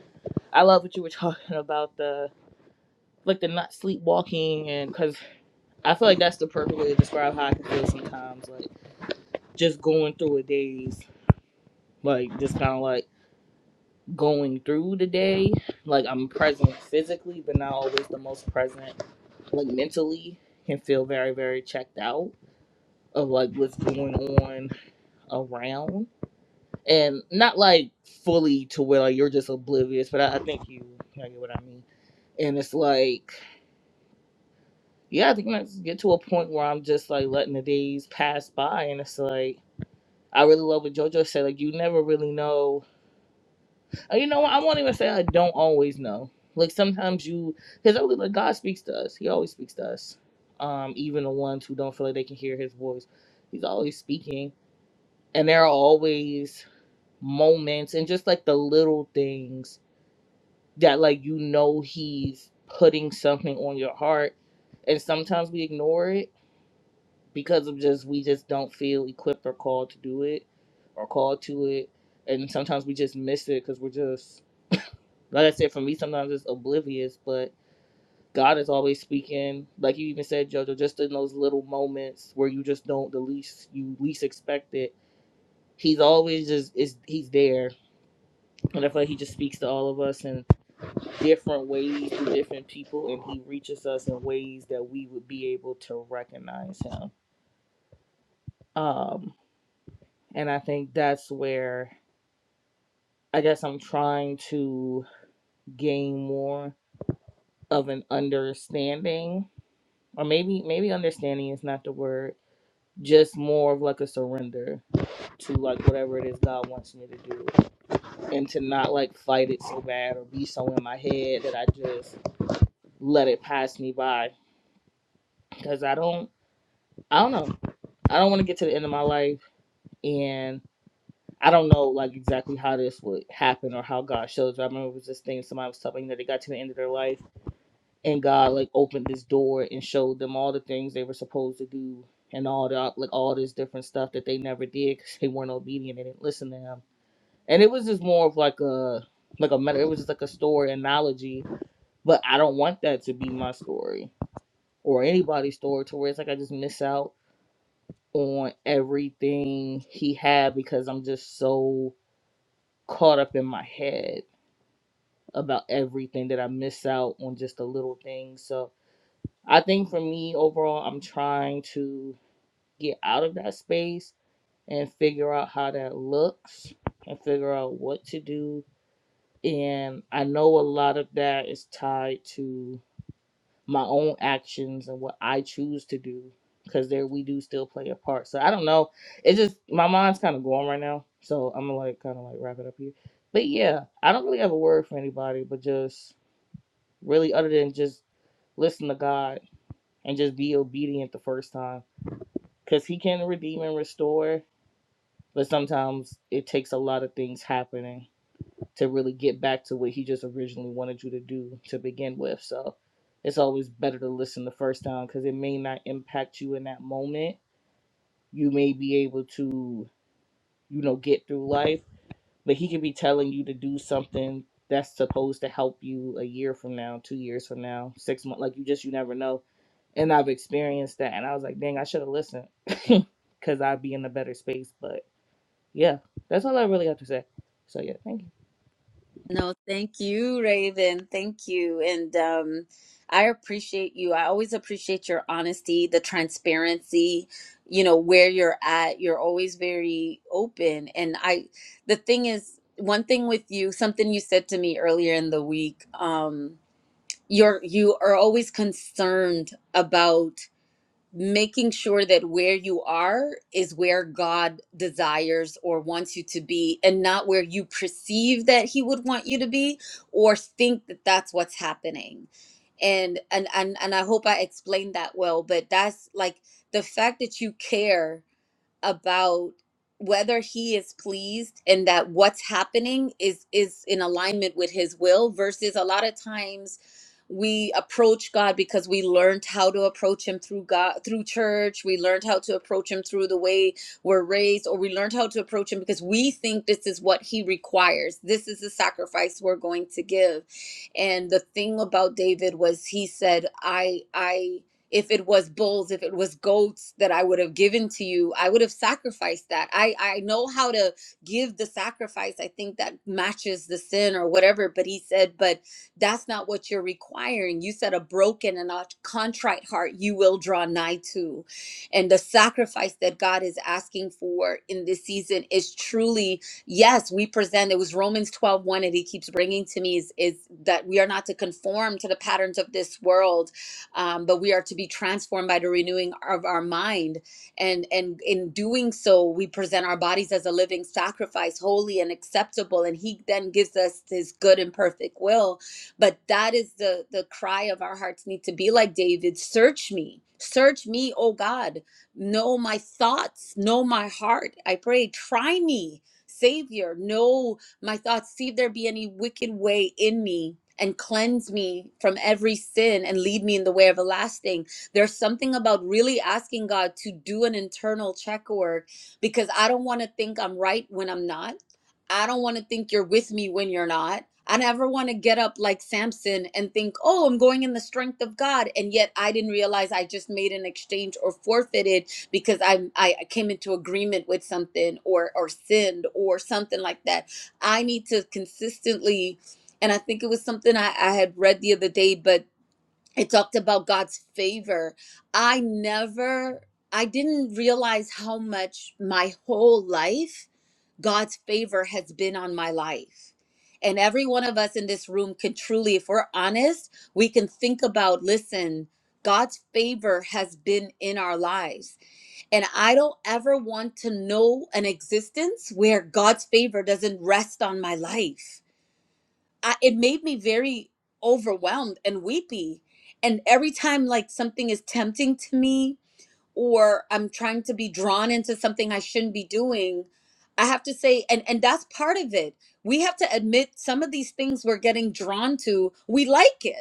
Speaker 7: I love what you were talking about the like the not sleepwalking, and because I feel like that's the perfect way to describe how I can feel sometimes, like just going through a days, like just kind of like going through the day, like I'm present physically, but not always the most present, like mentally can feel very very checked out of like what's going on around and not like fully to where like you're just oblivious but i, I think you you know, get what i mean and it's like yeah i think i just get to a point where i'm just like letting the days pass by and it's like i really love what jojo said like you never really know Uh, you know what i won't even say i don't always know like sometimes you because i believe like god speaks to us he always speaks to us um even the ones who don't feel like they can hear his voice he's always speaking and there are always moments and just like the little things that like you know he's putting something on your heart and sometimes we ignore it because of just we just don't feel equipped or called to do it or called to it and sometimes we just miss it because we're just like i said for me sometimes it's oblivious but god is always speaking like you even said jojo just in those little moments where you just don't the least you least expect it he's always just is he's there and i feel like he just speaks to all of us and different ways to different people and he reaches us in ways that we would be able to recognize him um and i think that's where i guess i'm trying to gain more of an understanding or maybe maybe understanding is not the word just more of like a surrender to like whatever it is god wants me to do and to not like fight it so bad or be so in my head that i just let it pass me by because i don't I don't know. I don't want to get to the end of my life, and I don't know like exactly how this would happen or how God shows. you. I remember it was this thing somebody was telling me that they got to the end of their life, and God like opened this door and showed them all the things they were supposed to do and all the like all this different stuff that they never did because they weren't obedient they didn't listen to Him. And it was just more of like a like a meta. It was just like a story analogy, but I don't want that to be my story or anybody's story to where it's like I just miss out on everything he had because I'm just so caught up in my head about everything that I miss out on just the little things. So I think for me overall, I'm trying to get out of that space and figure out how that looks and figure out what to do. And I know a lot of that is tied to my own actions and what I choose to do because there we do still play a part. So I don't know. It's just my mind's kind of going right now. So I'm gonna like kind of like wrap it up here. But yeah, I don't really have a word for anybody, but just really other than just listen to God and just be obedient the first time because He can redeem and restore. But sometimes it takes a lot of things happening to really get back to what he just originally wanted you to do to begin with. So it's always better to listen the first time because it may not impact you in that moment. You may be able to, you know, get through life, but he could be telling you to do something that's supposed to help you a year from now, two years from now, six months. Like you just, you never know. And I've experienced that. And I was like, dang, I should have listened because I'd be in a better space. But yeah, that's all I really have to say. So yeah, thank you.
Speaker 1: No, thank you, Raven. Thank you. And um, I appreciate you. I always appreciate your honesty, the transparency, you know, where you're at. You're always very open. And I, the thing is, one thing with you, something you said to me earlier in the week, um, you're you are always concerned about making sure that where you are is where God desires or wants you to be and not where you perceive that he would want you to be or think that that's what's happening. And and and and I hope I explained that well, but that's like the fact that you care about whether he is pleased and that what's happening is is in alignment with his will versus a lot of times we approach God because we learned how to approach him through God through church we learned how to approach him through the way we're raised or we learned how to approach him because we think this is what he requires this is the sacrifice we're going to give and the thing about David was he said I I if it was bulls if it was goats that i would have given to you i would have sacrificed that i i know how to give the sacrifice i think that matches the sin or whatever but he said but that's not what you're requiring you said a broken and a contrite heart you will draw nigh to and the sacrifice that god is asking for in this season is truly yes we present it was romans twelve one, 1 and he keeps bringing to me is, is that we are not to conform to the patterns of this world um, but we are to be transformed by the renewing of our mind and and in doing so we present our bodies as a living sacrifice holy and acceptable and he then gives us his good and perfect will but that is the the cry of our hearts need to be like david search me search me o god know my thoughts know my heart i pray try me savior know my thoughts, see if there be any wicked way in me. And cleanse me from every sin and lead me in the way everlasting. There's something about really asking God to do an internal check work because I don't want to think I'm right when I'm not. I don't want to think you're with me when you're not. I never want to get up like Samson and think, oh, I'm going in the strength of God. And yet I didn't realize I just made an exchange or forfeited because I, I came into agreement with something or, or sinned or something like that I need to consistently, and I think it was something I, I had read the other day, but it talked about God's favor. I never, I didn't realize how much my whole life God's favor has been on my life. And every one of us in this room can truly, if we're honest, we can think about listen, God's favor has been in our lives and I don't ever want to know an existence where God's favor doesn't rest on my life. I, it made me very overwhelmed and weepy. And every time, like, something is tempting to me or I'm trying to be drawn into something I shouldn't be doing, I have to say, and, and that's part of it. We have to admit some of these things we're getting drawn to, we like it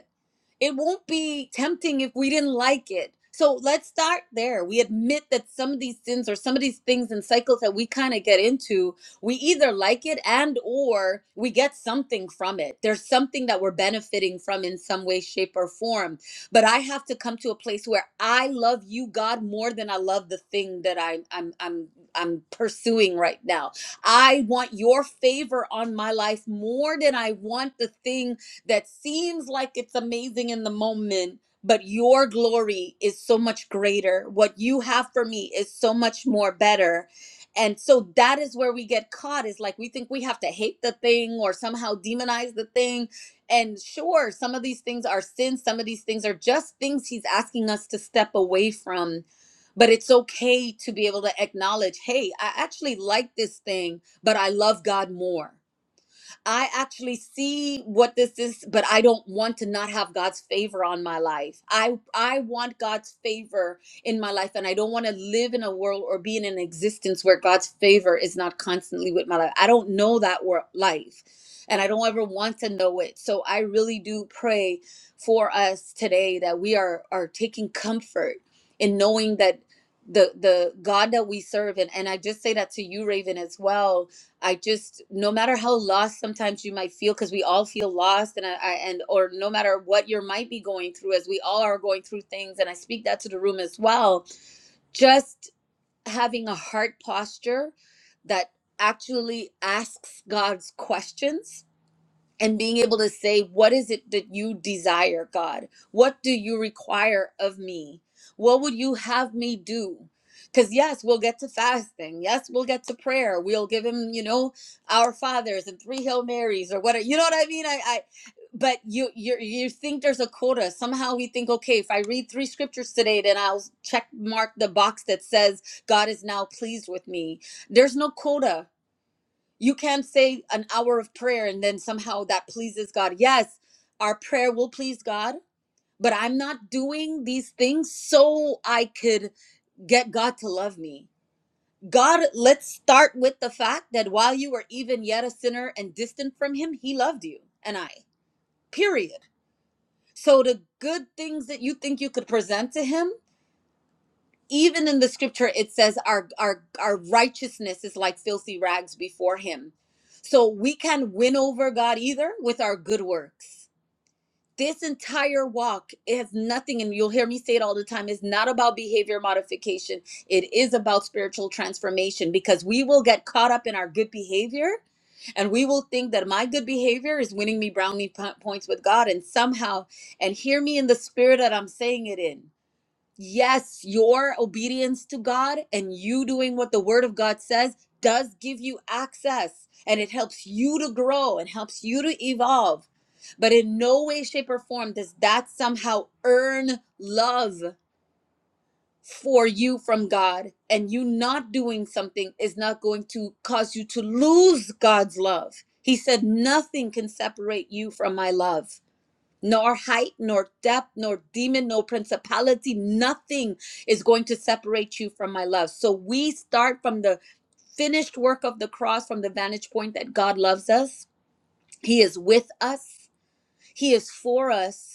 Speaker 1: it won't be tempting if we didn't like it. So let's start there. We admit that some of these sins or some of these things and cycles that we kind of get into, we either like it and or we get something from it. There's something that we're benefiting from in some way shape or form. But I have to come to a place where I love you God more than I love the thing that I I'm I'm I'm pursuing right now. I want your favor on my life more than I want the thing that seems like it's amazing in the moment, but your glory is so much greater. What you have for me is so much more better. And so that is where we get caught is like we think we have to hate the thing or somehow demonize the thing. And sure, some of these things are sins, some of these things are just things he's asking us to step away from. But it's okay to be able to acknowledge, hey, I actually like this thing, but I love God more I actually see what this is, but I don't want to not have God's favor on my life. I I want God's favor in my life and I don't want to live in a world or be in an existence where God's favor is not constantly with my life. I don't know that wor- life and I don't ever want to know it. So I really do pray for us today that we are are taking comfort in knowing that the the God that we serve and, and I just say that to you Raven as well I just, no matter how lost sometimes you might feel, because we all feel lost, and I, I and or no matter what you might be going through, as we all are going through things, and I speak that to the room as well. Just having a heart posture that actually asks God's questions and being able to say, What is it that you desire, God? What do you require of me? What would you have me do? Because, yes, we'll get to fasting. Yes, we'll get to prayer. We'll give him, you know, our fathers and three Hail Marys or whatever. You know what I mean? I, I but you you you think there's a quota somehow we think okay if i read three scriptures today then i'll check mark the box that says god is now pleased with me there's no quota you can't say an hour of prayer and then somehow that pleases God. Yes, our prayer will please God, but I'm not doing these things so I could get God to love me. God, let's start with the fact that while you were even yet a sinner and distant from Him, He loved you and I, period. So the good things that you think you could present to Him. even in the scripture it says our our our righteousness is like filthy rags before him so we can win over god either with our good works this entire walk it has nothing and you'll hear me say it all the time is not about behavior modification it is about spiritual transformation because we will get caught up in our good behavior and we will think that my good behavior is winning me brownie po- points with god and somehow and hear me in the spirit that i'm saying it in yes, your obedience to God and you doing what the Word of God says does give you access and it helps you to grow and helps you to evolve. But in no way, shape, or form does that somehow earn love for you from God. And you not doing something is not going to cause you to lose God's love. He said, Nothing can separate you from my love nor height, nor depth, nor demon, nor principality. Nothing is going to separate you from my love. So we start from the finished work of the cross, from the vantage point that God loves us. He is with us, He is for us.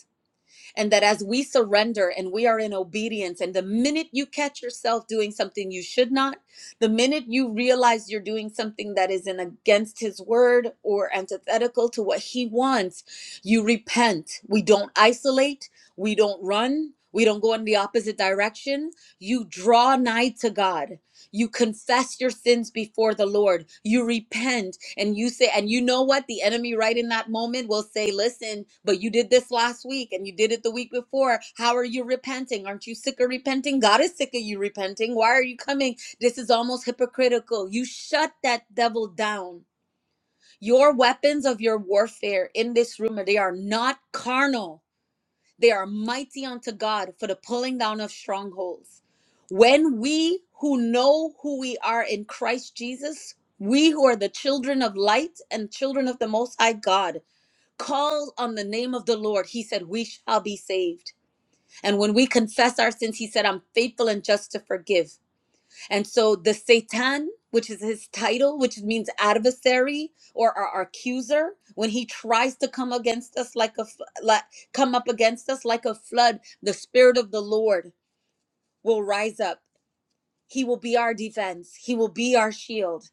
Speaker 1: And that as we surrender and we are in obedience, and the minute you catch yourself doing something you should not, the minute you realize you're doing something that is in against his word or antithetical to what he wants, you repent. We don't isolate, we don't run, we don't go in the opposite direction. You draw nigh to God. You confess your sins before the Lord. You repent and you say, and you know what? The enemy, right in that moment, will say, Listen, but you did this last week and you did it the week before. How are you repenting? Aren't you sick of repenting? God is sick of you repenting. Why are you coming? This is almost hypocritical. You shut that devil down. Your weapons of your warfare in this room, they are not carnal they are mighty unto God for the pulling down of strongholds. When we who know who we are in Christ Jesus, we who are the children of light and children of the Most High God, call on the name of the Lord, he said, We shall be saved. And when we confess our sins, he said, I'm faithful and just to forgive. And so the Satan, which is his title, which means adversary or our accuser, when he tries to come against us like a f- like, come up against us like a flood, the spirit of the Lord will rise up. He will be our defense. He will be our shield.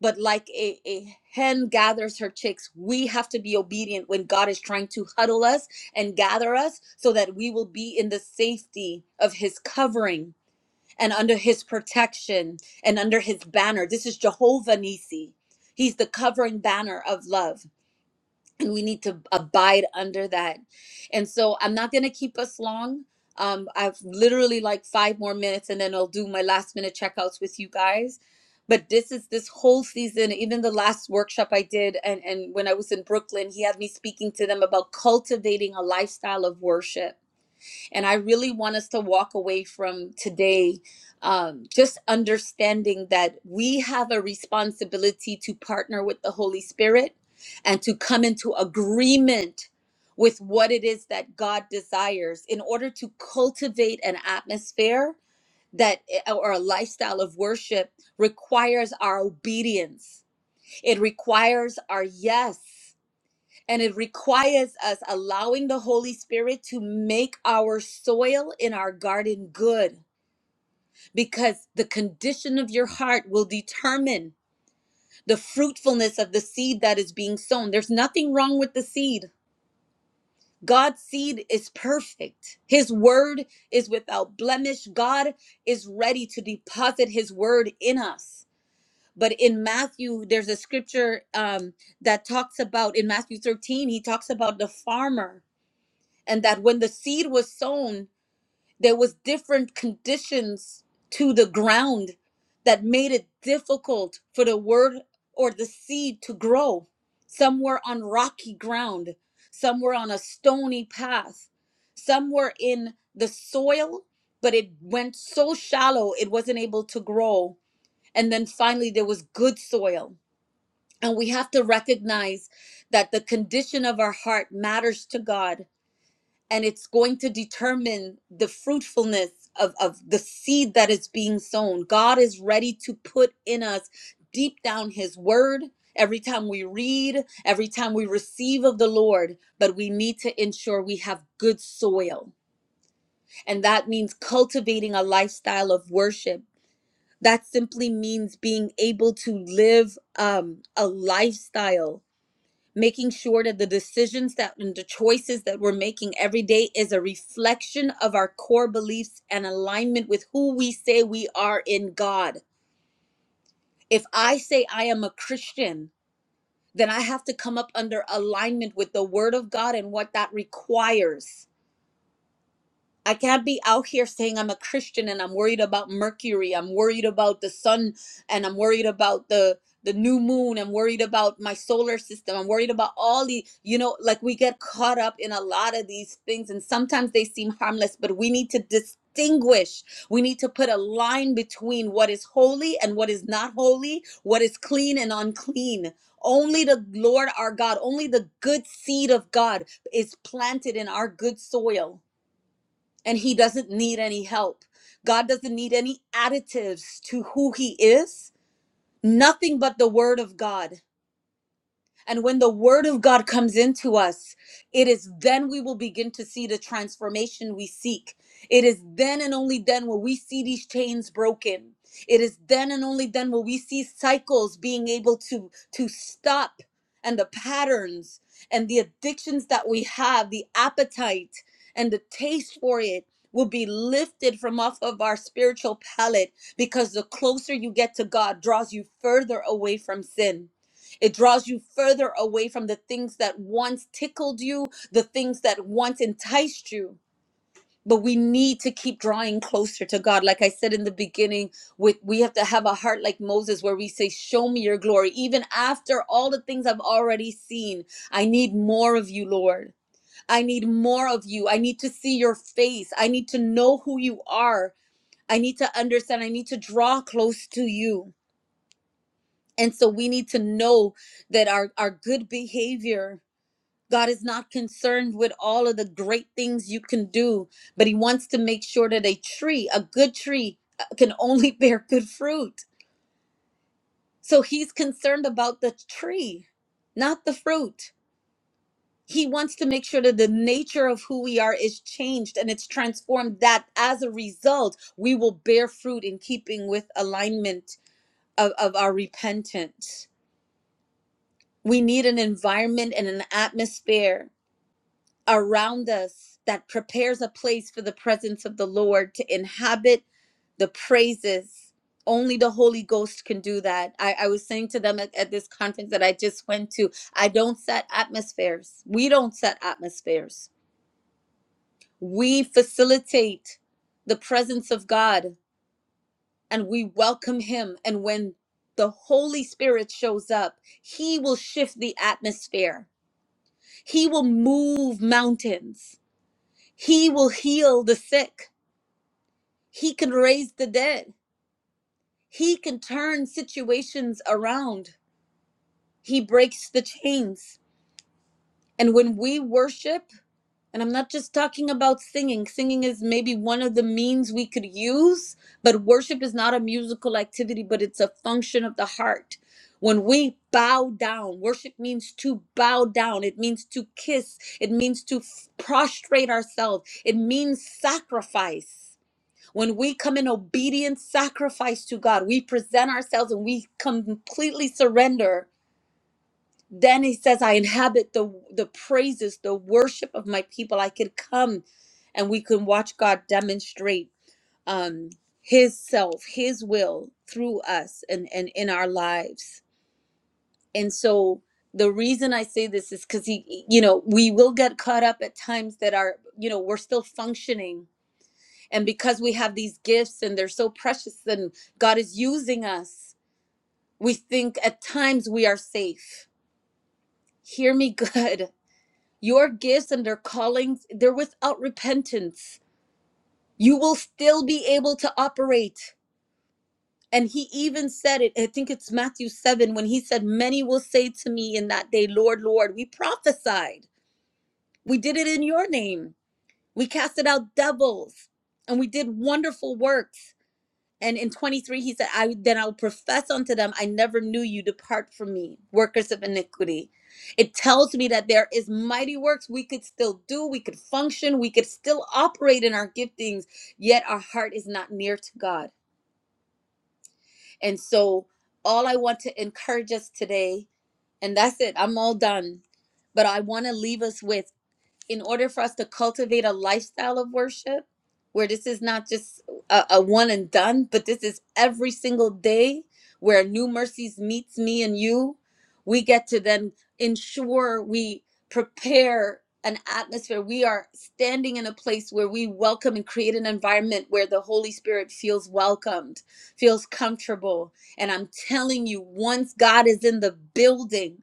Speaker 1: But like a, a hen gathers her chicks, we have to be obedient when God is trying to huddle us and gather us so that we will be in the safety of his covering and under his protection and under his banner. This is Jehovah Nisi. He's the covering banner of love, and we need to abide under that. And so I'm not going to keep us long. Um, I've literally like five more minutes, and then I'll do my last minute checkouts with you guys. But this is this whole season, even the last workshop I did, and, and when I was in Brooklyn, he had me speaking to them about cultivating a lifestyle of worship and I really want us to walk away from today um, just understanding that we have a responsibility to partner with the Holy Spirit and to come into agreement with what it is that God desires in order to cultivate an atmosphere that eh, eh, or a lifestyle of worship requires our obedience. It requires our yes. And it requires us allowing the Holy Spirit to make our soil in our garden good because the condition of your heart will determine the fruitfulness of the seed that is being sown. There's nothing wrong with the seed. God's seed is perfect. His word is without blemish. God is ready to deposit his word in us. But in Matthew, there's a scripture um, that talks about, in Matthew 13, he talks about the farmer and that when the seed was sown there was different conditions to the ground that made it difficult for the word or the seed to grow some were on rocky ground some were on a stony path some were in the soil but it went so shallow it wasn't able to grow and then finally there was good soil and we have to recognize that the condition of our heart matters to god and it's going to determine the fruitfulness of, of the seed that is being sown. God is ready to put in us deep down His word every time we read, every time we receive of the Lord, but we need to ensure we have good soil. And that means cultivating a lifestyle of worship. That simply means being able to live um, a lifestyle making sure that the decisions that and the choices that we're making every day is a reflection of our core beliefs and alignment with who we say we are in God. If I say I am a Christian, then I have to come up under alignment with the word of God and what that requires. I can't be out here saying I'm a Christian and I'm worried about Mercury. I'm worried about the sun and I'm worried about the the new moon. I'm worried about my solar system. I'm worried about all the, you know, like we get caught up in a lot of these things and sometimes they seem harmless, but we need to distinguish. We need to put a line between what is holy and what is not holy, what is clean and unclean. Only the Lord our God, only the good seed of God is planted in our good soil and he doesn't need any help. God doesn't need any additives to who he is, nothing but the word of God. And when the word of God comes into us, it is then we will begin to see the transformation we seek. It is then and only then will we see these chains broken. It is then and only then will we see cycles being able to to stop and the patterns and the addictions that we have, the appetite and the taste for it will be lifted from off of our spiritual palate because the closer you get to God draws you further away from sin it draws you further away from the things that once tickled you, the things that once enticed you. But we need to keep drawing closer to God. Like I said in the beginning, with we have to have a heart like Moses where we say, Show me your glory. Even after all the things I've already seen, I need more of you, Lord. I need more of you. I need to see your face. I need to know who you are. I need to understand. I need to draw close to you. And so we need to know that our, our good behavior God is not concerned with all of the great things you can do, but He wants to make sure that a tree, a good tree, uh, can only bear good fruit. So He's concerned about the tree, not the fruit. He wants to make sure that the nature of who we are is changed and it's transformed, that as a result, we will bear fruit in keeping with alignment of, of our repentance. We need an environment and an atmosphere around us that prepares a place for the presence of the Lord to inhabit the praises. Only the Holy Ghost can do that. I, I was saying to them at, at this conference that I just went to, I don't set atmospheres. We don't set atmospheres. We facilitate the presence of God and we welcome Him. And when the Holy Spirit shows up, He will shift the atmosphere, He will move mountains He will heal the sick. He can raise the dead. He can turn situations around. He breaks the chains. And when we worship, and I'm not just talking about singing, singing is maybe one of the means we could use, but worship is not a musical activity, but it's a function of the heart. When we bow down, worship means to bow down. It means to kiss. It means to f- prostrate ourselves. It means sacrifice. When we come in obedient sacrifice to God, we present ourselves and we completely surrender. Then he says, I inhabit the, the praises, the worship of my people. I could come and we can watch God demonstrate um, his self, his will through us and, and in our lives. And so the reason I say this is because he, you know, we will get caught up at times that are, you know, we're still functioning and because we have these gifts and they're so precious and God is using us, we think at times we are safe. Hear me good. Your gifts and their callings, they're without repentance. You will still be able to operate. And he even said it, I think it's Matthew 7, when he said, Many will say to me in that day, Lord, Lord, we prophesied. We did it in your name. We casted out devils and we did wonderful works And in 23, he said, I then I'll profess unto them, I never knew you. Depart from me, workers of iniquity. It tells me that there is mighty works we could still do, we could function, we could still operate in our giftings, yet our heart is not near to God. And so all I want to encourage us today, and that's it, I'm all done. But I want to leave us with in order for us to cultivate a lifestyle of worship where this is not just a, a one and done but this is every single day where new mercies meets me and you we get to then ensure we prepare an atmosphere we are standing in a place where we welcome and create an environment where the holy spirit feels welcomed feels comfortable and i'm telling you once god is in the building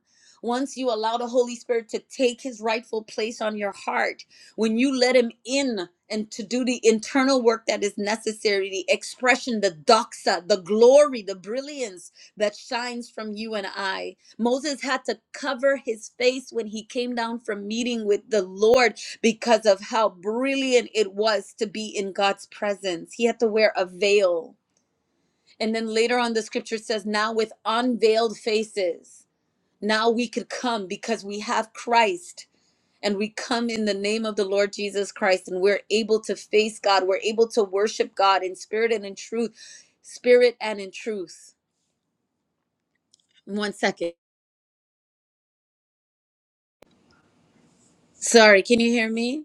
Speaker 1: once you allow the Holy Spirit to take his rightful place on your heart, when you let him in and to do the internal work that is necessary, the expression, the doxa, the glory, the brilliance that shines from you and I. Moses had to cover his face when he came down from meeting with the Lord because of how brilliant it was to be in God's presence. He had to wear a veil. And then later on, the scripture says, now with unveiled faces now we could come because we have Christ and we come in the name of the Lord Jesus Christ and we're able to face God. We're able to worship God in spirit and in truth. Spirit and in truth. One second. Sorry, can you hear me?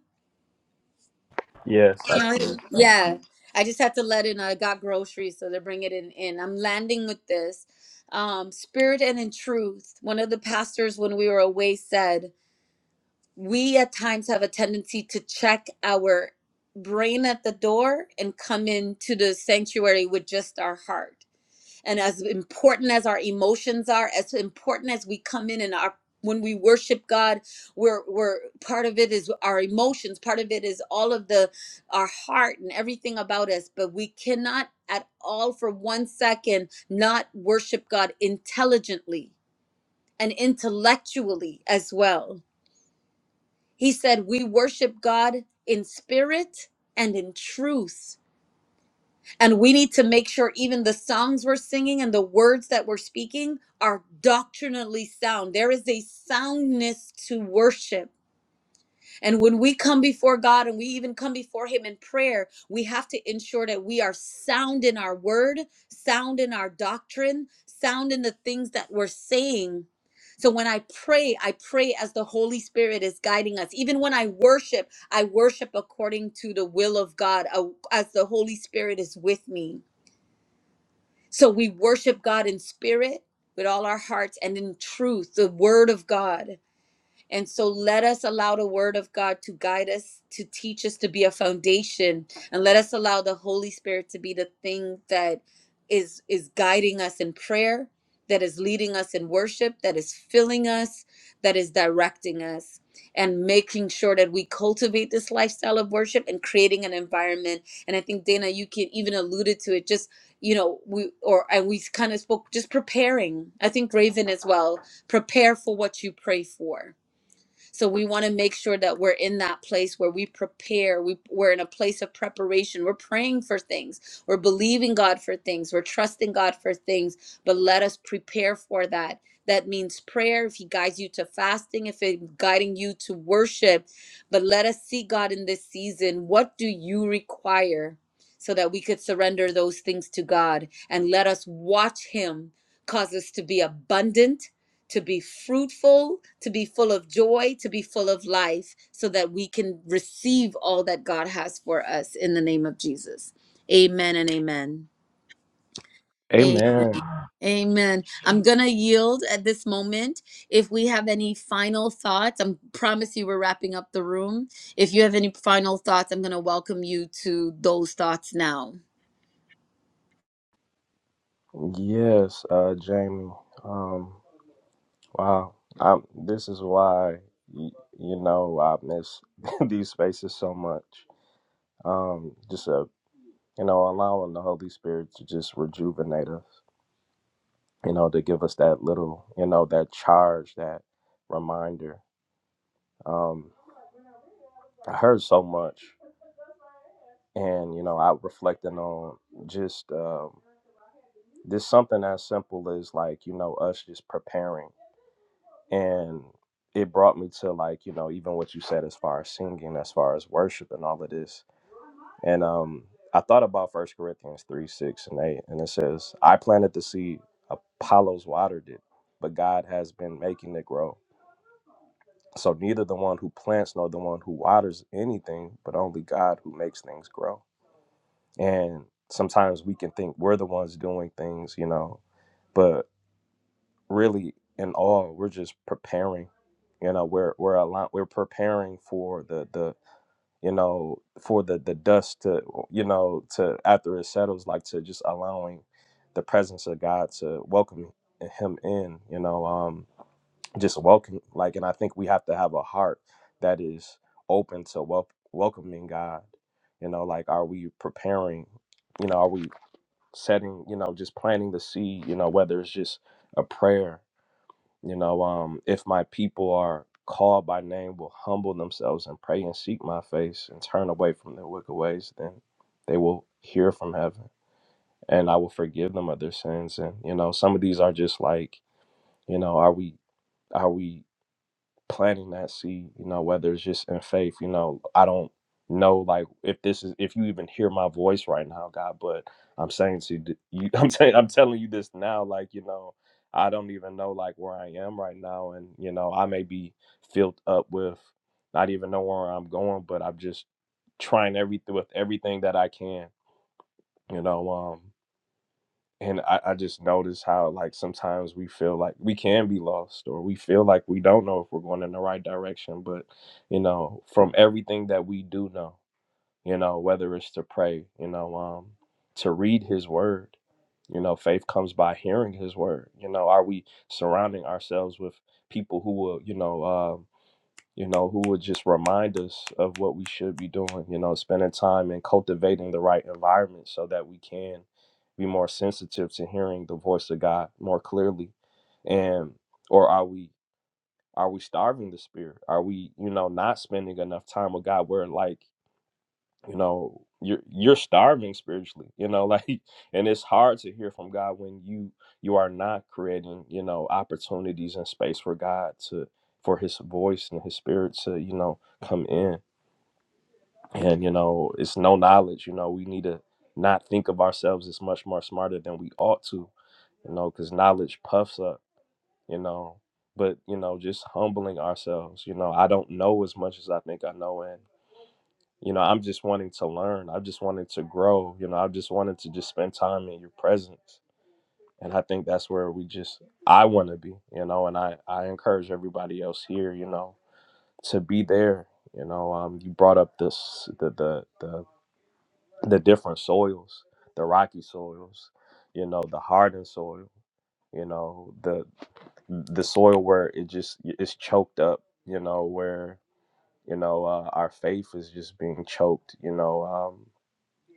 Speaker 5: Yes. I
Speaker 1: You know,
Speaker 5: agree.
Speaker 1: yeah. I just had to let in. I got groceries, so they're bringing it in. I'm landing with this. Um, spirit and in truth. One of the pastors, when we were away, said, we at times have a tendency to check our brain at the door and come into the sanctuary with just our heart. And as important as our emotions are, as important as we come in and our when we worship God, we're we're part of it is our emotions, part of it is all of the our heart and everything about us, but we cannot at all for one second not worship God intelligently and intellectually as well he said, We worship God in spirit and in truth. And we need to make sure even the songs we're singing and the words that we're speaking are doctrinally sound. There is a soundness to worship and when we come before God and we even come before Him in prayer, we have to ensure that we are sound in our word, sound in our doctrine, sound in the things that we're saying. So when I pray, I pray as the Holy Spirit is guiding us. Even when I worship, I worship according to the will of God uh, as the Holy Spirit is with me. So we worship God in spirit with all our hearts and in truth, the word of God. And so let us allow the word of God to guide us, to teach us to be a foundation, and let us allow the Holy Spirit to be the thing that is is guiding us in prayer, that is leading us in worship, that is filling us, that is directing us and making sure that we cultivate this lifestyle of worship and creating an environment. And I think Dana you can even alluded to it just you know we or and we kind of spoke just preparing. I think Raven as well, prepare for what you pray for so we want to make sure that we're in that place where we prepare. We, we're in a place of preparation. We're praying for things. We're believing God for things. We're trusting God for things. But let us prepare for that. That means prayer. If He guides you to fasting, if He's guiding you to worship, but let us see God in this season. What do you require? So that we could surrender those things to God and let us watch Him cause us to be abundant to be fruitful, to be full of joy, to be full of life, so that we can receive all that God has for us in the name of Jesus. Amen and amen. A-
Speaker 5: amen
Speaker 1: Amen. I'm going to yield at this moment. If we have any final thoughts, I promise you we're wrapping up the room. If you have any final thoughts, I'm going to welcome you to those thoughts now.
Speaker 5: Yes, uh, Jamie. Um, wow. i this is why, y- you know, I miss these spaces so much. Um, just, uh, you know, allowing the Holy Spirit to just rejuvenate us, you know, to give us that little, you know, that charge, that reminder. Um, I heard so much. And, you know, I reflecting on just um, this something as simple as like, you know, us just preparing. and it brought me to like you know even what you said as far as singing as far as worship and all of this and um i thought about first corinthians 3 6 and 8 and it says i planted the seed apollos watered it but god has been making it grow so neither the one who plants nor the one who waters anything but only god who makes things grow and sometimes we can think we're the ones doing things you know but really in all we're just preparing you know we're we're a lot we're preparing for the the you know for the the dust to you know to after it settles like to just allowing the presence of god to welcome him in you know um just welcome like and i think we have to have a heart that is open to wel- welcoming god you know like are we preparing you know are we setting you know just planting the seed you know whether it's just a prayer you know, um, if my people are called by name will humble themselves and pray and seek my face and turn away from their wicked ways, then they will hear from heaven and I will forgive them of their sins. And, you know, some of these are just like, you know, are we are we planting that seed, you know, whether it's just in faith, you know, I don't know like if this is if you even hear my voice right now, God, but I'm saying to th- you I'm saying I'm telling you this now, like, you know, I don't even know like where I am right now and you know, I may be filled up with not even know where I'm going, but I'm just trying every with everything that I can, you know. Um and I, I just notice how like sometimes we feel like we can be lost or we feel like we don't know if we're going in the right direction but you know from everything that we do know you know whether it's to pray you know um to read his word you know faith comes by hearing his word you know are we surrounding ourselves with people who will you know um you know, who would just remind us of what we should be doing, you know, spending time and cultivating the right environment so that we can be more sensitive to hearing the voice of God more clearly. And or are we are we starving the spirit? Are we, you know, not spending enough time with God? Where like you know you're you're starving spiritually you know like and it's hard to hear from god when you you are not creating you know opportunities and space for god to for his voice and his spirit to you know come in and you know it's no knowledge you know we need to not think of ourselves as much more smarter than we ought to you know because knowledge puffs up you know but you know just humbling ourselves you know i don't know as much as i think i know and you know i'm just wanting to learn i just wanted to grow you know i just wanted to just spend time in your presence and i think that's where we just i want to be you know and i i encourage everybody else here you know to be there you know um you brought up this the the the, the different soils the rocky soils you know the hardened soil you know the the soil where it just it's choked up you know where you know uh, our faith is just being choked you know um.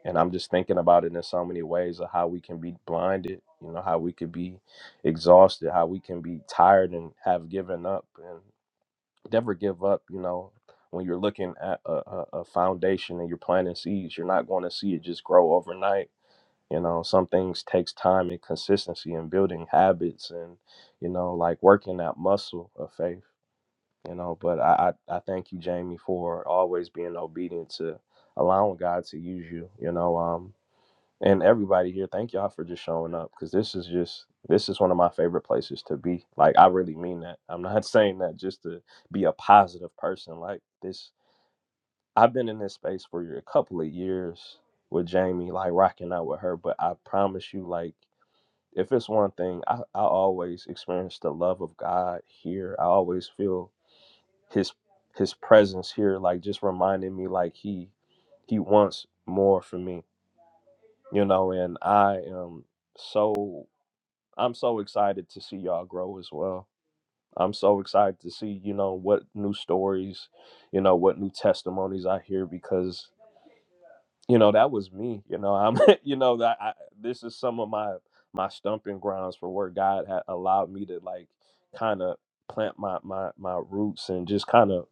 Speaker 5: And I'm just thinking about it in so many ways of how we can be blinded, you know, how we could be exhausted, how we can be tired and have given up and never give up, you know. When you're looking at a, a, a foundation and you're planting seeds, you're not going to see it just grow overnight. You know, some things takes time and consistency and building habits and, you know, like working that muscle of faith, you know. But I, I, I thank you, Jamie, for always being obedient to allowing God to use you. You know, Um and everybody here thank y'all for just showing up because this is just this is one of my favorite places to be like i really mean that i'm not saying that just to be a positive person like this i've been in this space for a couple of years with jamie like rocking out with her but i promise you like if it's one thing i, I always experience the love of god here i always feel his his presence here like just reminding me like he he wants more for me you know, and I am so I'm so excited to see y'all grow as well. I'm so excited to see, you know, what new stories, you know, what new testimonies I hear because, you know, that was me. You know, I'm, you know, that I, this is some of my my stumping grounds for where God had allowed me to like kind of plant my my my roots and just kind of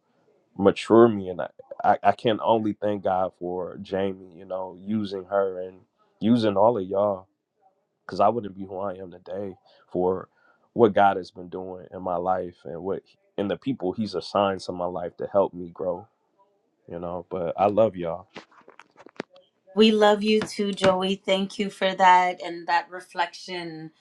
Speaker 5: mature me. And I, I I can only thank God for Jamie, you know, using her and using all of y'all because I wouldn't be who I am today for what God has been doing in my life and what and the people He's assigned to my life to help me grow. You know, but I love y'all.
Speaker 1: We love you too, Joey. Thank you for that and that reflection.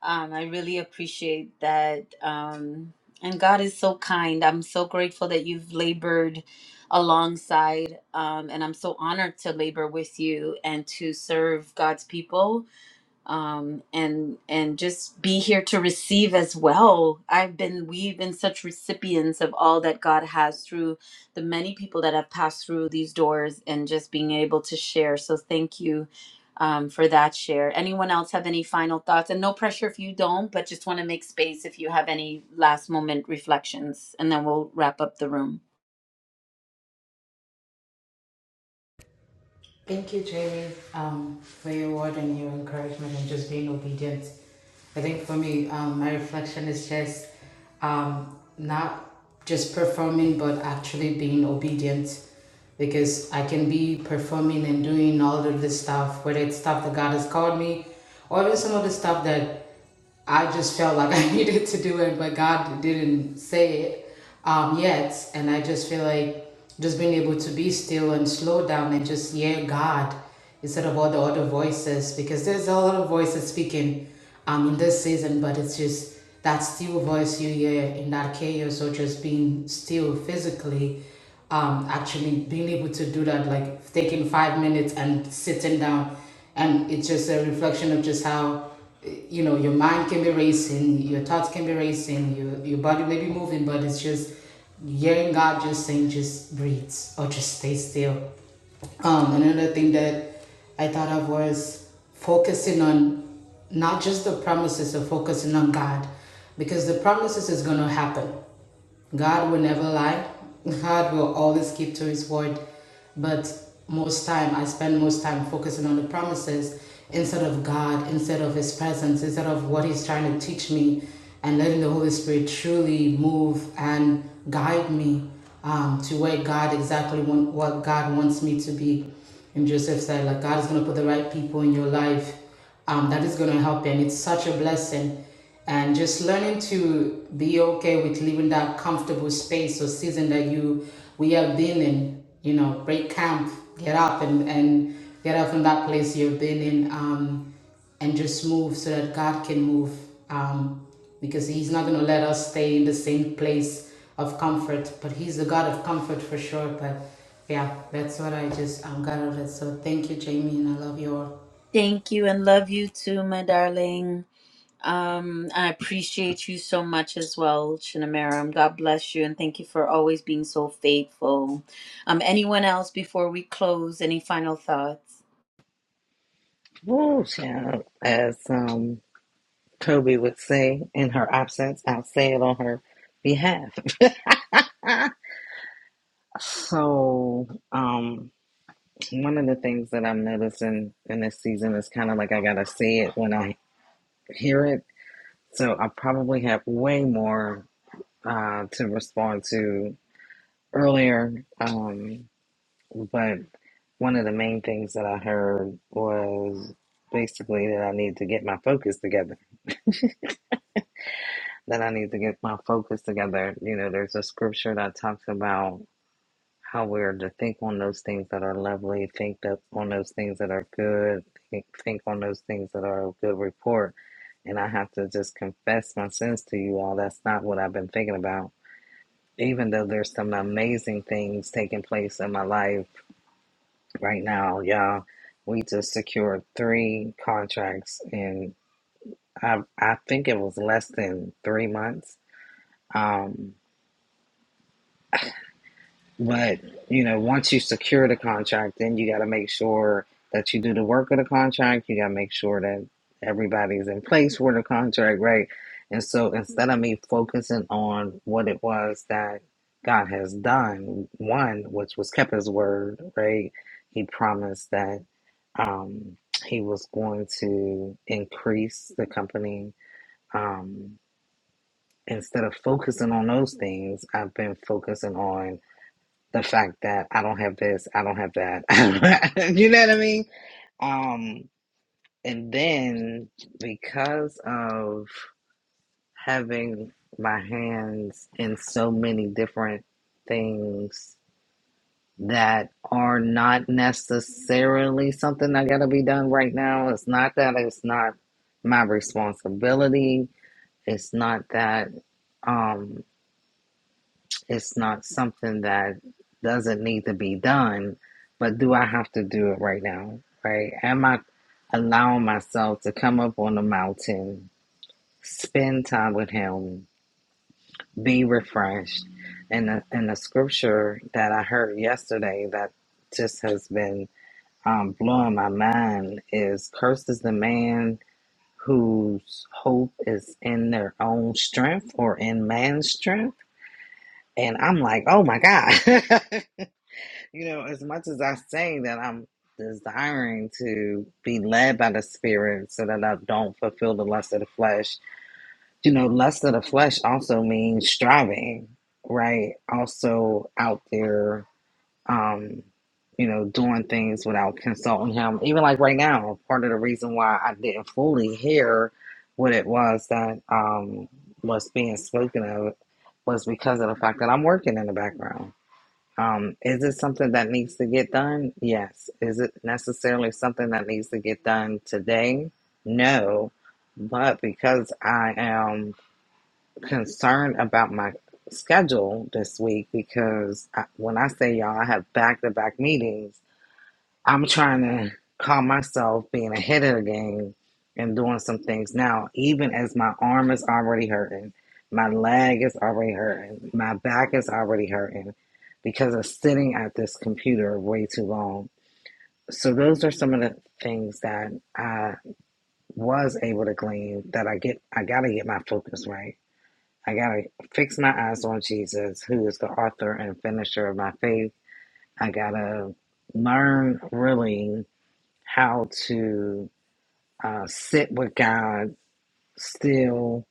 Speaker 1: Um, I really appreciate that. Um, and God is so kind. I'm so grateful that you've labored alongside, um, and I'm so honored to labor with you and to serve God's people um, and and just be here to receive as well. I've been we've been such recipients of all that God has through the many people that have passed through these doors and just being able to share. So thank you um, for that share. Anyone else have any final thoughts? And no pressure if you don't, but just want to make space if you have any last moment reflections, and then we'll wrap up the room.
Speaker 3: Thank you, Jamie, um, for your word and your encouragement and just being obedient. I think for me, um, my reflection is just um, not just performing, but actually being obedient. Because I can be performing and doing all of this stuff, whether it's stuff that God has called me, or even some of the stuff that I just felt like I needed to do it, but God didn't say it um, yet. And I just feel like just being able to be still and slow down and just hear God instead of all the other voices, because there's a lot of voices speaking um, in this season, but it's just that still voice you hear in that chaos or just being still physically. Um, actually being able to do that, like taking five minutes and sitting down and it's just a reflection of just how you know your mind can be racing your thoughts can be racing your, your body may be moving but it's just hearing god just saying just breathe or just stay still um, another thing that i thought of was focusing on not just the promises of focusing on god because the promises is going to happen God will never lie. God will always keep to his word. But most time, I spend most time focusing on the promises instead of God, instead of his presence, instead of what he's trying to teach me and letting the Holy Spirit truly move and guide me um, to where God exactly want, what God wants me to be. And Joseph said, like, God is going to put the right people in your life um, that is going to help you. And it's such a blessing and just learning to be okay with leaving that comfortable space or season that you we have been in you know break camp get up and and get up from that place you've been in um and just move so that god can move um because he's not going to let us stay in the same place of comfort but he's the god of comfort for sure but yeah that's what i just um, got out of it so thank you jamie and i love you all
Speaker 1: Thank you and love you too, my darling. Um, I appreciate you so much as well, Shinamaram. God bless you and thank you for always being so faithful. Um, anyone else before we close, any final thoughts?
Speaker 2: Woo, child. As um, Toby would say, in her absence, I'll say it on her behalf. so, um, one of the things that I'm noticing in this season is kind of like I gotta see it when I hear it. So I probably have way more. uh, to respond to earlier, um, but one of the main things that I heard was basically that I need to get my focus together. That I need to get my focus together. You know, there's a scripture that talks about how we're to think on those things that are lovely, think that on those things that are good, think, think on those things that are of good report. And I have to just confess my sins to you all. That's not what I've been thinking about even though there's some amazing things taking place in my life right now, y'all, we just secured three contracts in I I think it was less than three months. Um, But you know, once you secure the contract, then you got to make sure that you do the work of the contract. You got to make sure that everybody's in place for the contract, right? And so instead of me focusing on what it was that God has done, one, which was kept his word, right? He promised that um, he was going to increase the company. Um, instead of focusing on those things, I've been focusing on the fact that I don't have this, I don't have that. you know what I mean? Um, and then because of having my hands in so many different things that are not necessarily something that gotta be done right now, it's not that it's not my responsibility. It's not that um, It's not something that doesn't need to be done, but do I have to do it right now? Right? Am I allowing myself to come up on the mountain, spend time with Him, be refreshed? And the, and the scripture that I heard yesterday that just has been um, blowing my mind is Cursed is the man whose hope is in their own strength or in man's strength. And I'm like, oh my God. You know, as much as I say that I'm desiring to be led by the Spirit so that I don't fulfill the lust of the flesh, you know, lust of the flesh also means striving, right? Also out there, um, you know, doing things without consulting Him. Even like right now, part of the reason why I didn't fully hear what it was that um, was being spoken of was because of the fact that I'm working in the background um, is it something that needs to get done? Yes. Is it necessarily something that needs to get done today? No. But because I am concerned about my schedule this week, because I, when I say y'all, I have back to back meetings I'm trying to call myself being ahead of the game and doing some things now, even as my arm is already hurting, my leg is already hurting, my back is already hurting because of sitting at this computer way too long. So those are some of the things that I was able to glean that I get I gotta get my focus right. I gotta fix my eyes on Jesus, who is the author and finisher of my faith. I gotta learn really how to uh, sit with God, still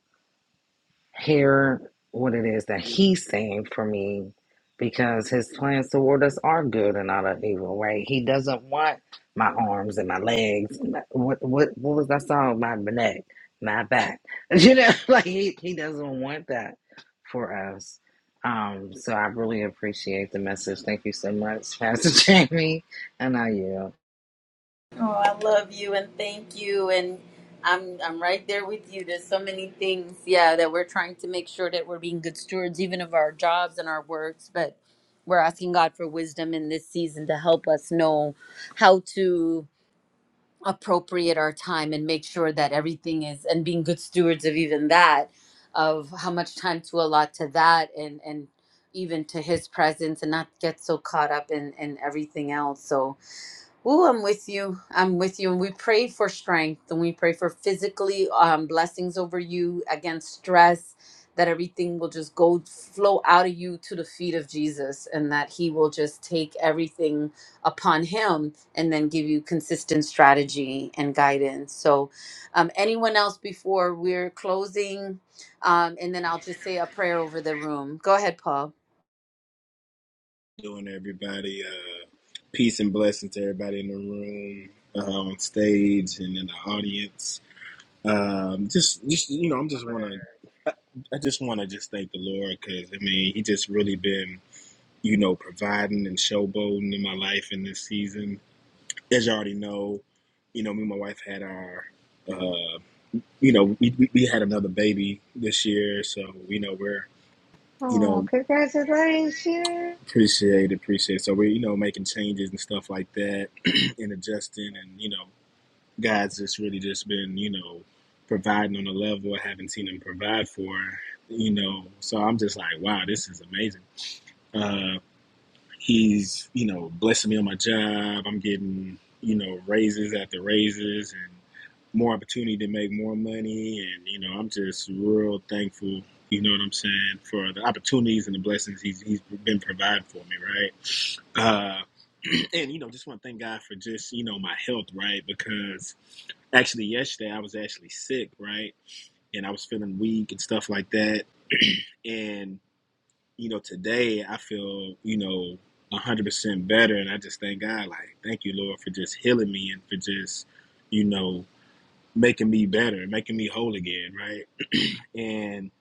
Speaker 2: hear what it is that He's saying for me, because His plans toward us are good and not of evil, right? He doesn't want my arms and my legs. and my- What what what was that song? My neck, my back. You know, like He He doesn't want that for us. Um, so I really appreciate the message. Thank you so much, Pastor Jamie, and I yield.
Speaker 1: Oh, I love you and thank you and I'm I'm right there with you. There's so many things, yeah, that we're trying to make sure that we're being good stewards even of our jobs and our works, but we're asking God for wisdom in this season to help us know how to appropriate our time and make sure that everything is and being good stewards of even that of how much time to allot to that and and even to his presence and not get so caught up in in everything else so Ooh, I'm with you. I'm with you. And we pray for strength and we pray for physically um, blessings over you against stress, that everything will just go flow out of you to the feet of Jesus and that he will just take everything upon him and then give you consistent strategy and guidance. So, um, anyone else before we're closing? Um, and then I'll just say a prayer over the room. Go ahead, Paul.
Speaker 8: doing, everybody. Uh, peace and blessing to everybody in the room, uh, on stage, and in the audience. Um, just, just you know, I'm just want to, I I just want to just thank the Lord because I mean, He just really been, you know, providing and showboating in my life in this season. As you already know, you know, me and my wife had our, uh, you know, we, we we had another baby this year, so you know we're. You know, Appreciate it, appreciate it. So we're, you know, making changes and stuff like that and adjusting and, you know, God's just really just been, you know, providing on a level I haven't seen him provide for, you know. So I'm just like, wow, this is amazing. Uh, he's you know blessing me on my job i'm getting you know raises after raises and more opportunity to make more money and you know i'm just real thankful you know what i'm saying for the opportunities and the blessings he's, he's been providing for me right uh, and you know just want to thank god for just you know my health right because actually yesterday i was actually sick right and i was feeling weak and stuff like that And you know, today I feel, you know, 100% better. And I just thank God, like, thank you, Lord, for just healing me and for just, you know, making me better, making me whole again, right? And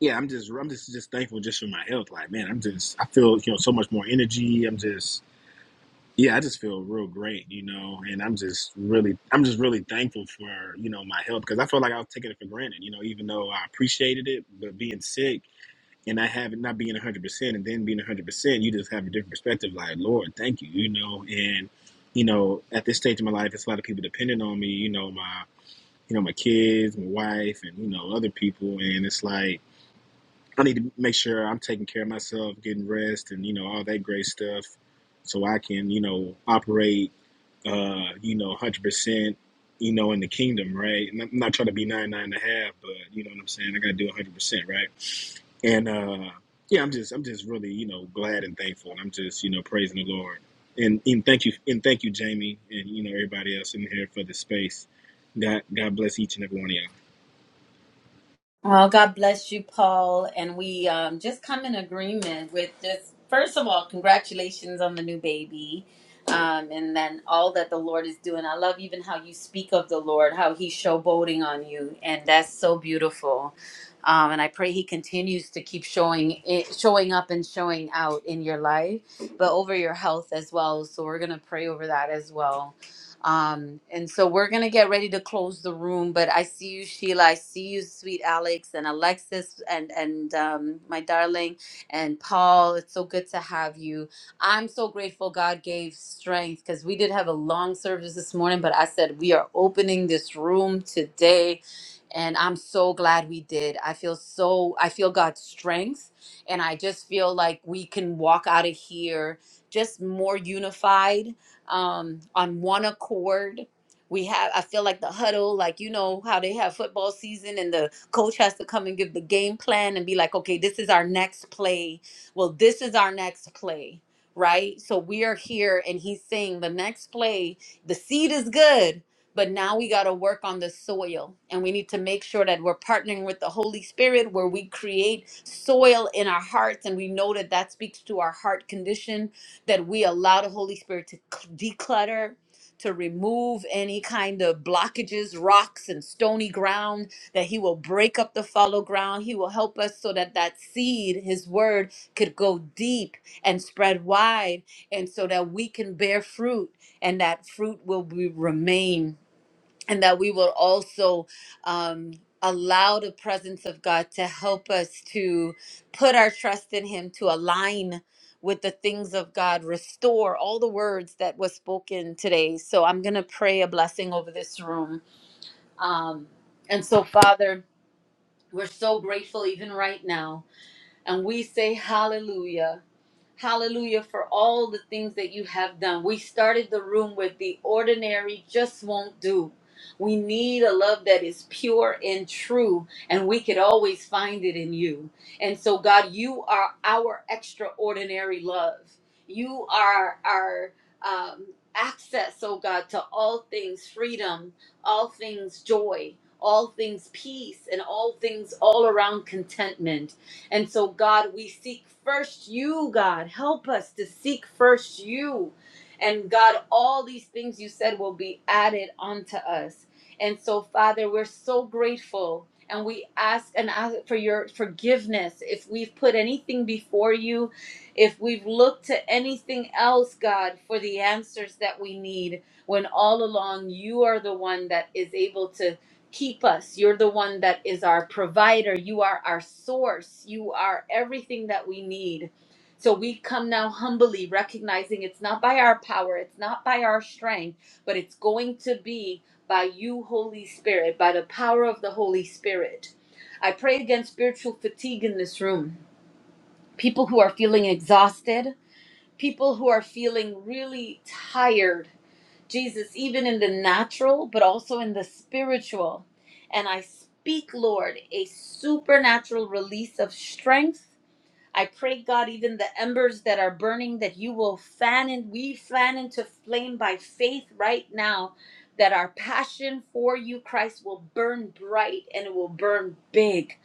Speaker 8: yeah, I'm just, I'm just, just thankful just for my health. Like, man, I'm just, I feel, you know, so much more energy. I'm just, yeah, I just feel real great, you know, and I'm just really, I'm just really thankful for, you know, my health because I feel like I was taking it for granted, you know, even though I appreciated it, but being sick, and I have it not being 100% and then being 100%, you just have a different perspective. Like, Lord, thank you, you know. And, you know, at this stage of my life, it's a lot of people depending on me, you know, my, you know, my kids, my wife, and, you know, other people. And it's like, I need to make sure I'm taking care of myself, getting rest, and you know all that great stuff, so I can you know operate, uh, you know, one hundred percent, you know, in the kingdom, right? And I'm not trying to be nine nine and a half, but you know what I'm saying. I got to do one hundred percent, right? And uh, yeah, I'm just I'm just really you know glad and thankful, and I'm just you know praising the Lord, and and thank you and thank you, Jamie, and you know everybody else in here for the space. God God bless each and every one of y'all.
Speaker 1: Oh, God bless you, Paul. And we um, just come in agreement with this. First of all, congratulations on the new baby. Um, and then all that the Lord is doing. I love even how you speak of the Lord, how he's showboating on you. And that's so beautiful. Um, and I pray he continues to keep showing it, showing up and showing out in your life, but over your health as well. So we're going to pray over that as well. Um, and so we're going to get ready to close the room, but I see you, Sheila. I see you, sweet Alex and Alexis and, and um, my darling and Paul. It's so good to have you. I'm so grateful God gave strength because we did have a long service this morning, but I said we are opening this room today. And I'm so glad we did. I feel so, I feel God's strength. And I just feel like we can walk out of here just more unified um, on one accord. We have, I feel like the huddle, like, you know, how they have football season and the coach has to come and give the game plan and be like, okay, this is our next play. Well, this is our next play, right? So we are here and he's saying the next play, the seed is good, but now we got to work on the soil and we need to make sure that we're partnering with the Holy Spirit where we create soil in our hearts and we know that that speaks to our heart condition that we allow the Holy Spirit to cl- declutter, to remove any kind of blockages, rocks, and stony ground, that He will break up the fallow ground. He will help us so that that seed, His word, could go deep and spread wide, and so that we can bear fruit and that fruit will be, remain and that we will also um, allow the presence of God to help us to put our trust in Him, to align with the things of God, restore all the words that was spoken today. So I'm gonna pray a blessing over this room. Um, and so, Father, we're so grateful even right now, and we say hallelujah. Hallelujah for all the things that you have done. We started the room with the ordinary just won't do. We need a love that is pure and true, and we could always find it in you. And so, God, you are our extraordinary love. You are our um, access, oh God, to all things freedom, all things joy, all things peace, and all things all around contentment. And so, God, we seek first you, God. Help us to seek first you. And God, all these things you said will be added onto us. And so, Father, we're so grateful. And we ask and ask for your forgiveness if we've put anything before you, if we've looked to anything else, God, for the answers that we need, when all along you are the one that is able to keep us. You're the one that is our provider. You are our source. You are everything that we need. So we come now humbly, recognizing it's not by our power, it's not by our strength, but it's going to be by you, Holy Spirit, by the power of the Holy Spirit. I pray against spiritual fatigue in this room. People who are feeling exhausted, people who are feeling really tired Jesus, even in the natural, but also in the spiritual. And I speak, Lord, a supernatural release of strength I pray, God, even the embers that are burning, that you will fan and we fan into flame by faith right now, that our passion for you, Christ, will burn bright and it will burn big.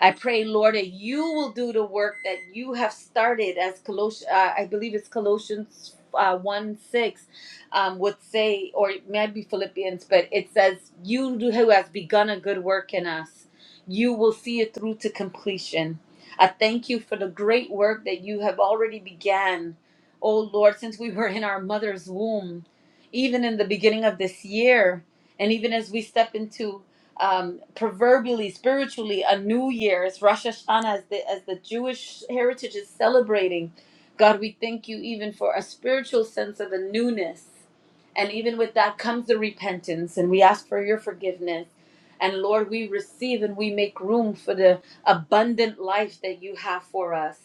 Speaker 1: I pray, Lord, that you will do the work that you have started, as Colossians, uh, I believe it's Colossians uh, 1 6 um, would say, or it might be Philippians, but it says, You who has begun a good work in us, you will see it through to completion. I thank you for the great work that you have already began. Oh Lord, since we were in our mother's womb, even in the beginning of this year, and even as we step into um, proverbially, spiritually, a new year, as Rosh Hashanah, as the, as the Jewish heritage is celebrating, God, we thank you even for a spiritual sense of a newness. And even with that comes the repentance, and we ask for your forgiveness. And Lord, we receive and we make room for the abundant life that you have for us.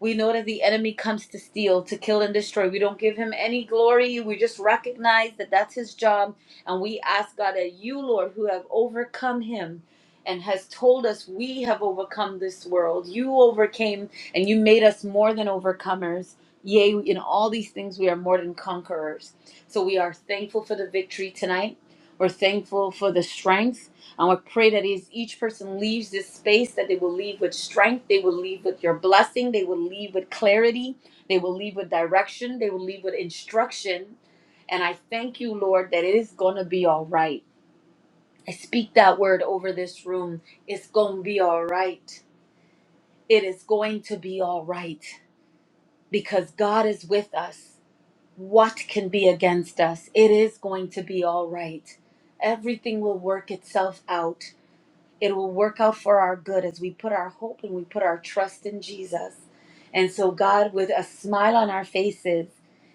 Speaker 1: We know that the enemy comes to steal, to kill, and destroy. We don't give him any glory. We just recognize that that's his job. And we ask God that you, Lord, who have overcome him and has told us we have overcome this world, you overcame and you made us more than overcomers. Yea, in all these things, we are more than conquerors. So we are thankful for the victory tonight. We're thankful for the strength. I want to pray that as each person leaves this space, that they will leave with strength, they will leave with your blessing, they will leave with clarity, they will leave with direction, they will leave with instruction. And I thank you, Lord, that it is going to be all right. I speak that word over this room. It's going to be all right. It is going to be all right because God is with us. What can be against us? It is going to be all right. Everything will work itself out it will work out for our good as we put our hope and we put our trust in Jesus. And so, God, with a smile on our faces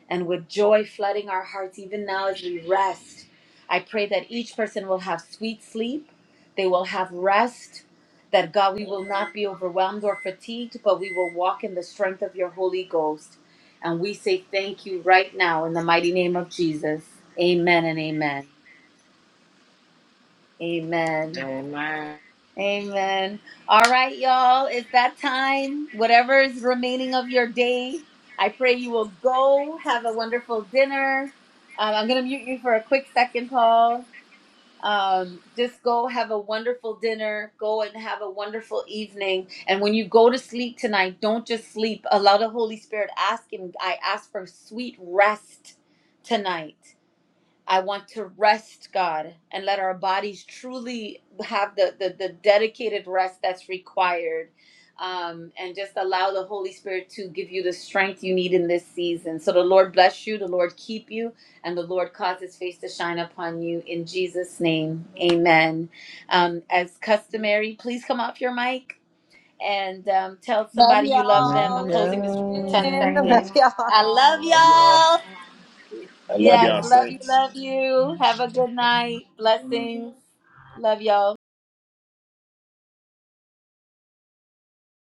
Speaker 1: and with joy flooding our hearts, even now as we rest, I pray that each person will have sweet sleep, they will have rest, that God, we will not be overwhelmed or fatigued, but we will walk in the strength of your Holy Ghost. And we say thank you right now in the mighty name of Jesus. Amen and amen. Amen.
Speaker 2: Amen.
Speaker 1: Amen. All right, y'all. It's that time. Whatever is remaining of your day, I pray you will go have a wonderful dinner. Um, I'm going to mute you for a quick second, Paul. Um, just go have a wonderful dinner. Go and have a wonderful evening. And when you go to sleep tonight, don't just sleep. Allow the Holy Spirit ask Him. I ask for sweet rest tonight. I want to rest, God, and let our bodies truly have the, the, the dedicated rest that's required. Um, and just allow the Holy Spirit to give you the strength you need in this season. So the Lord bless you, the Lord keep you, and the Lord cause his face to shine upon you. In Jesus' name, amen. Um, as customary, please come off your mic and um, tell
Speaker 6: Love
Speaker 1: somebody you love
Speaker 2: My
Speaker 1: them. I'm
Speaker 6: y'all.
Speaker 1: closing this in 10
Speaker 6: Amen.
Speaker 2: God.
Speaker 1: seconds.
Speaker 6: Love
Speaker 1: I love y'all.
Speaker 8: I love
Speaker 1: Yes,
Speaker 8: y'all,
Speaker 1: love you,
Speaker 8: Saints.
Speaker 1: love
Speaker 6: y'all.
Speaker 1: you. Have a good night. Blessings. Love y'all.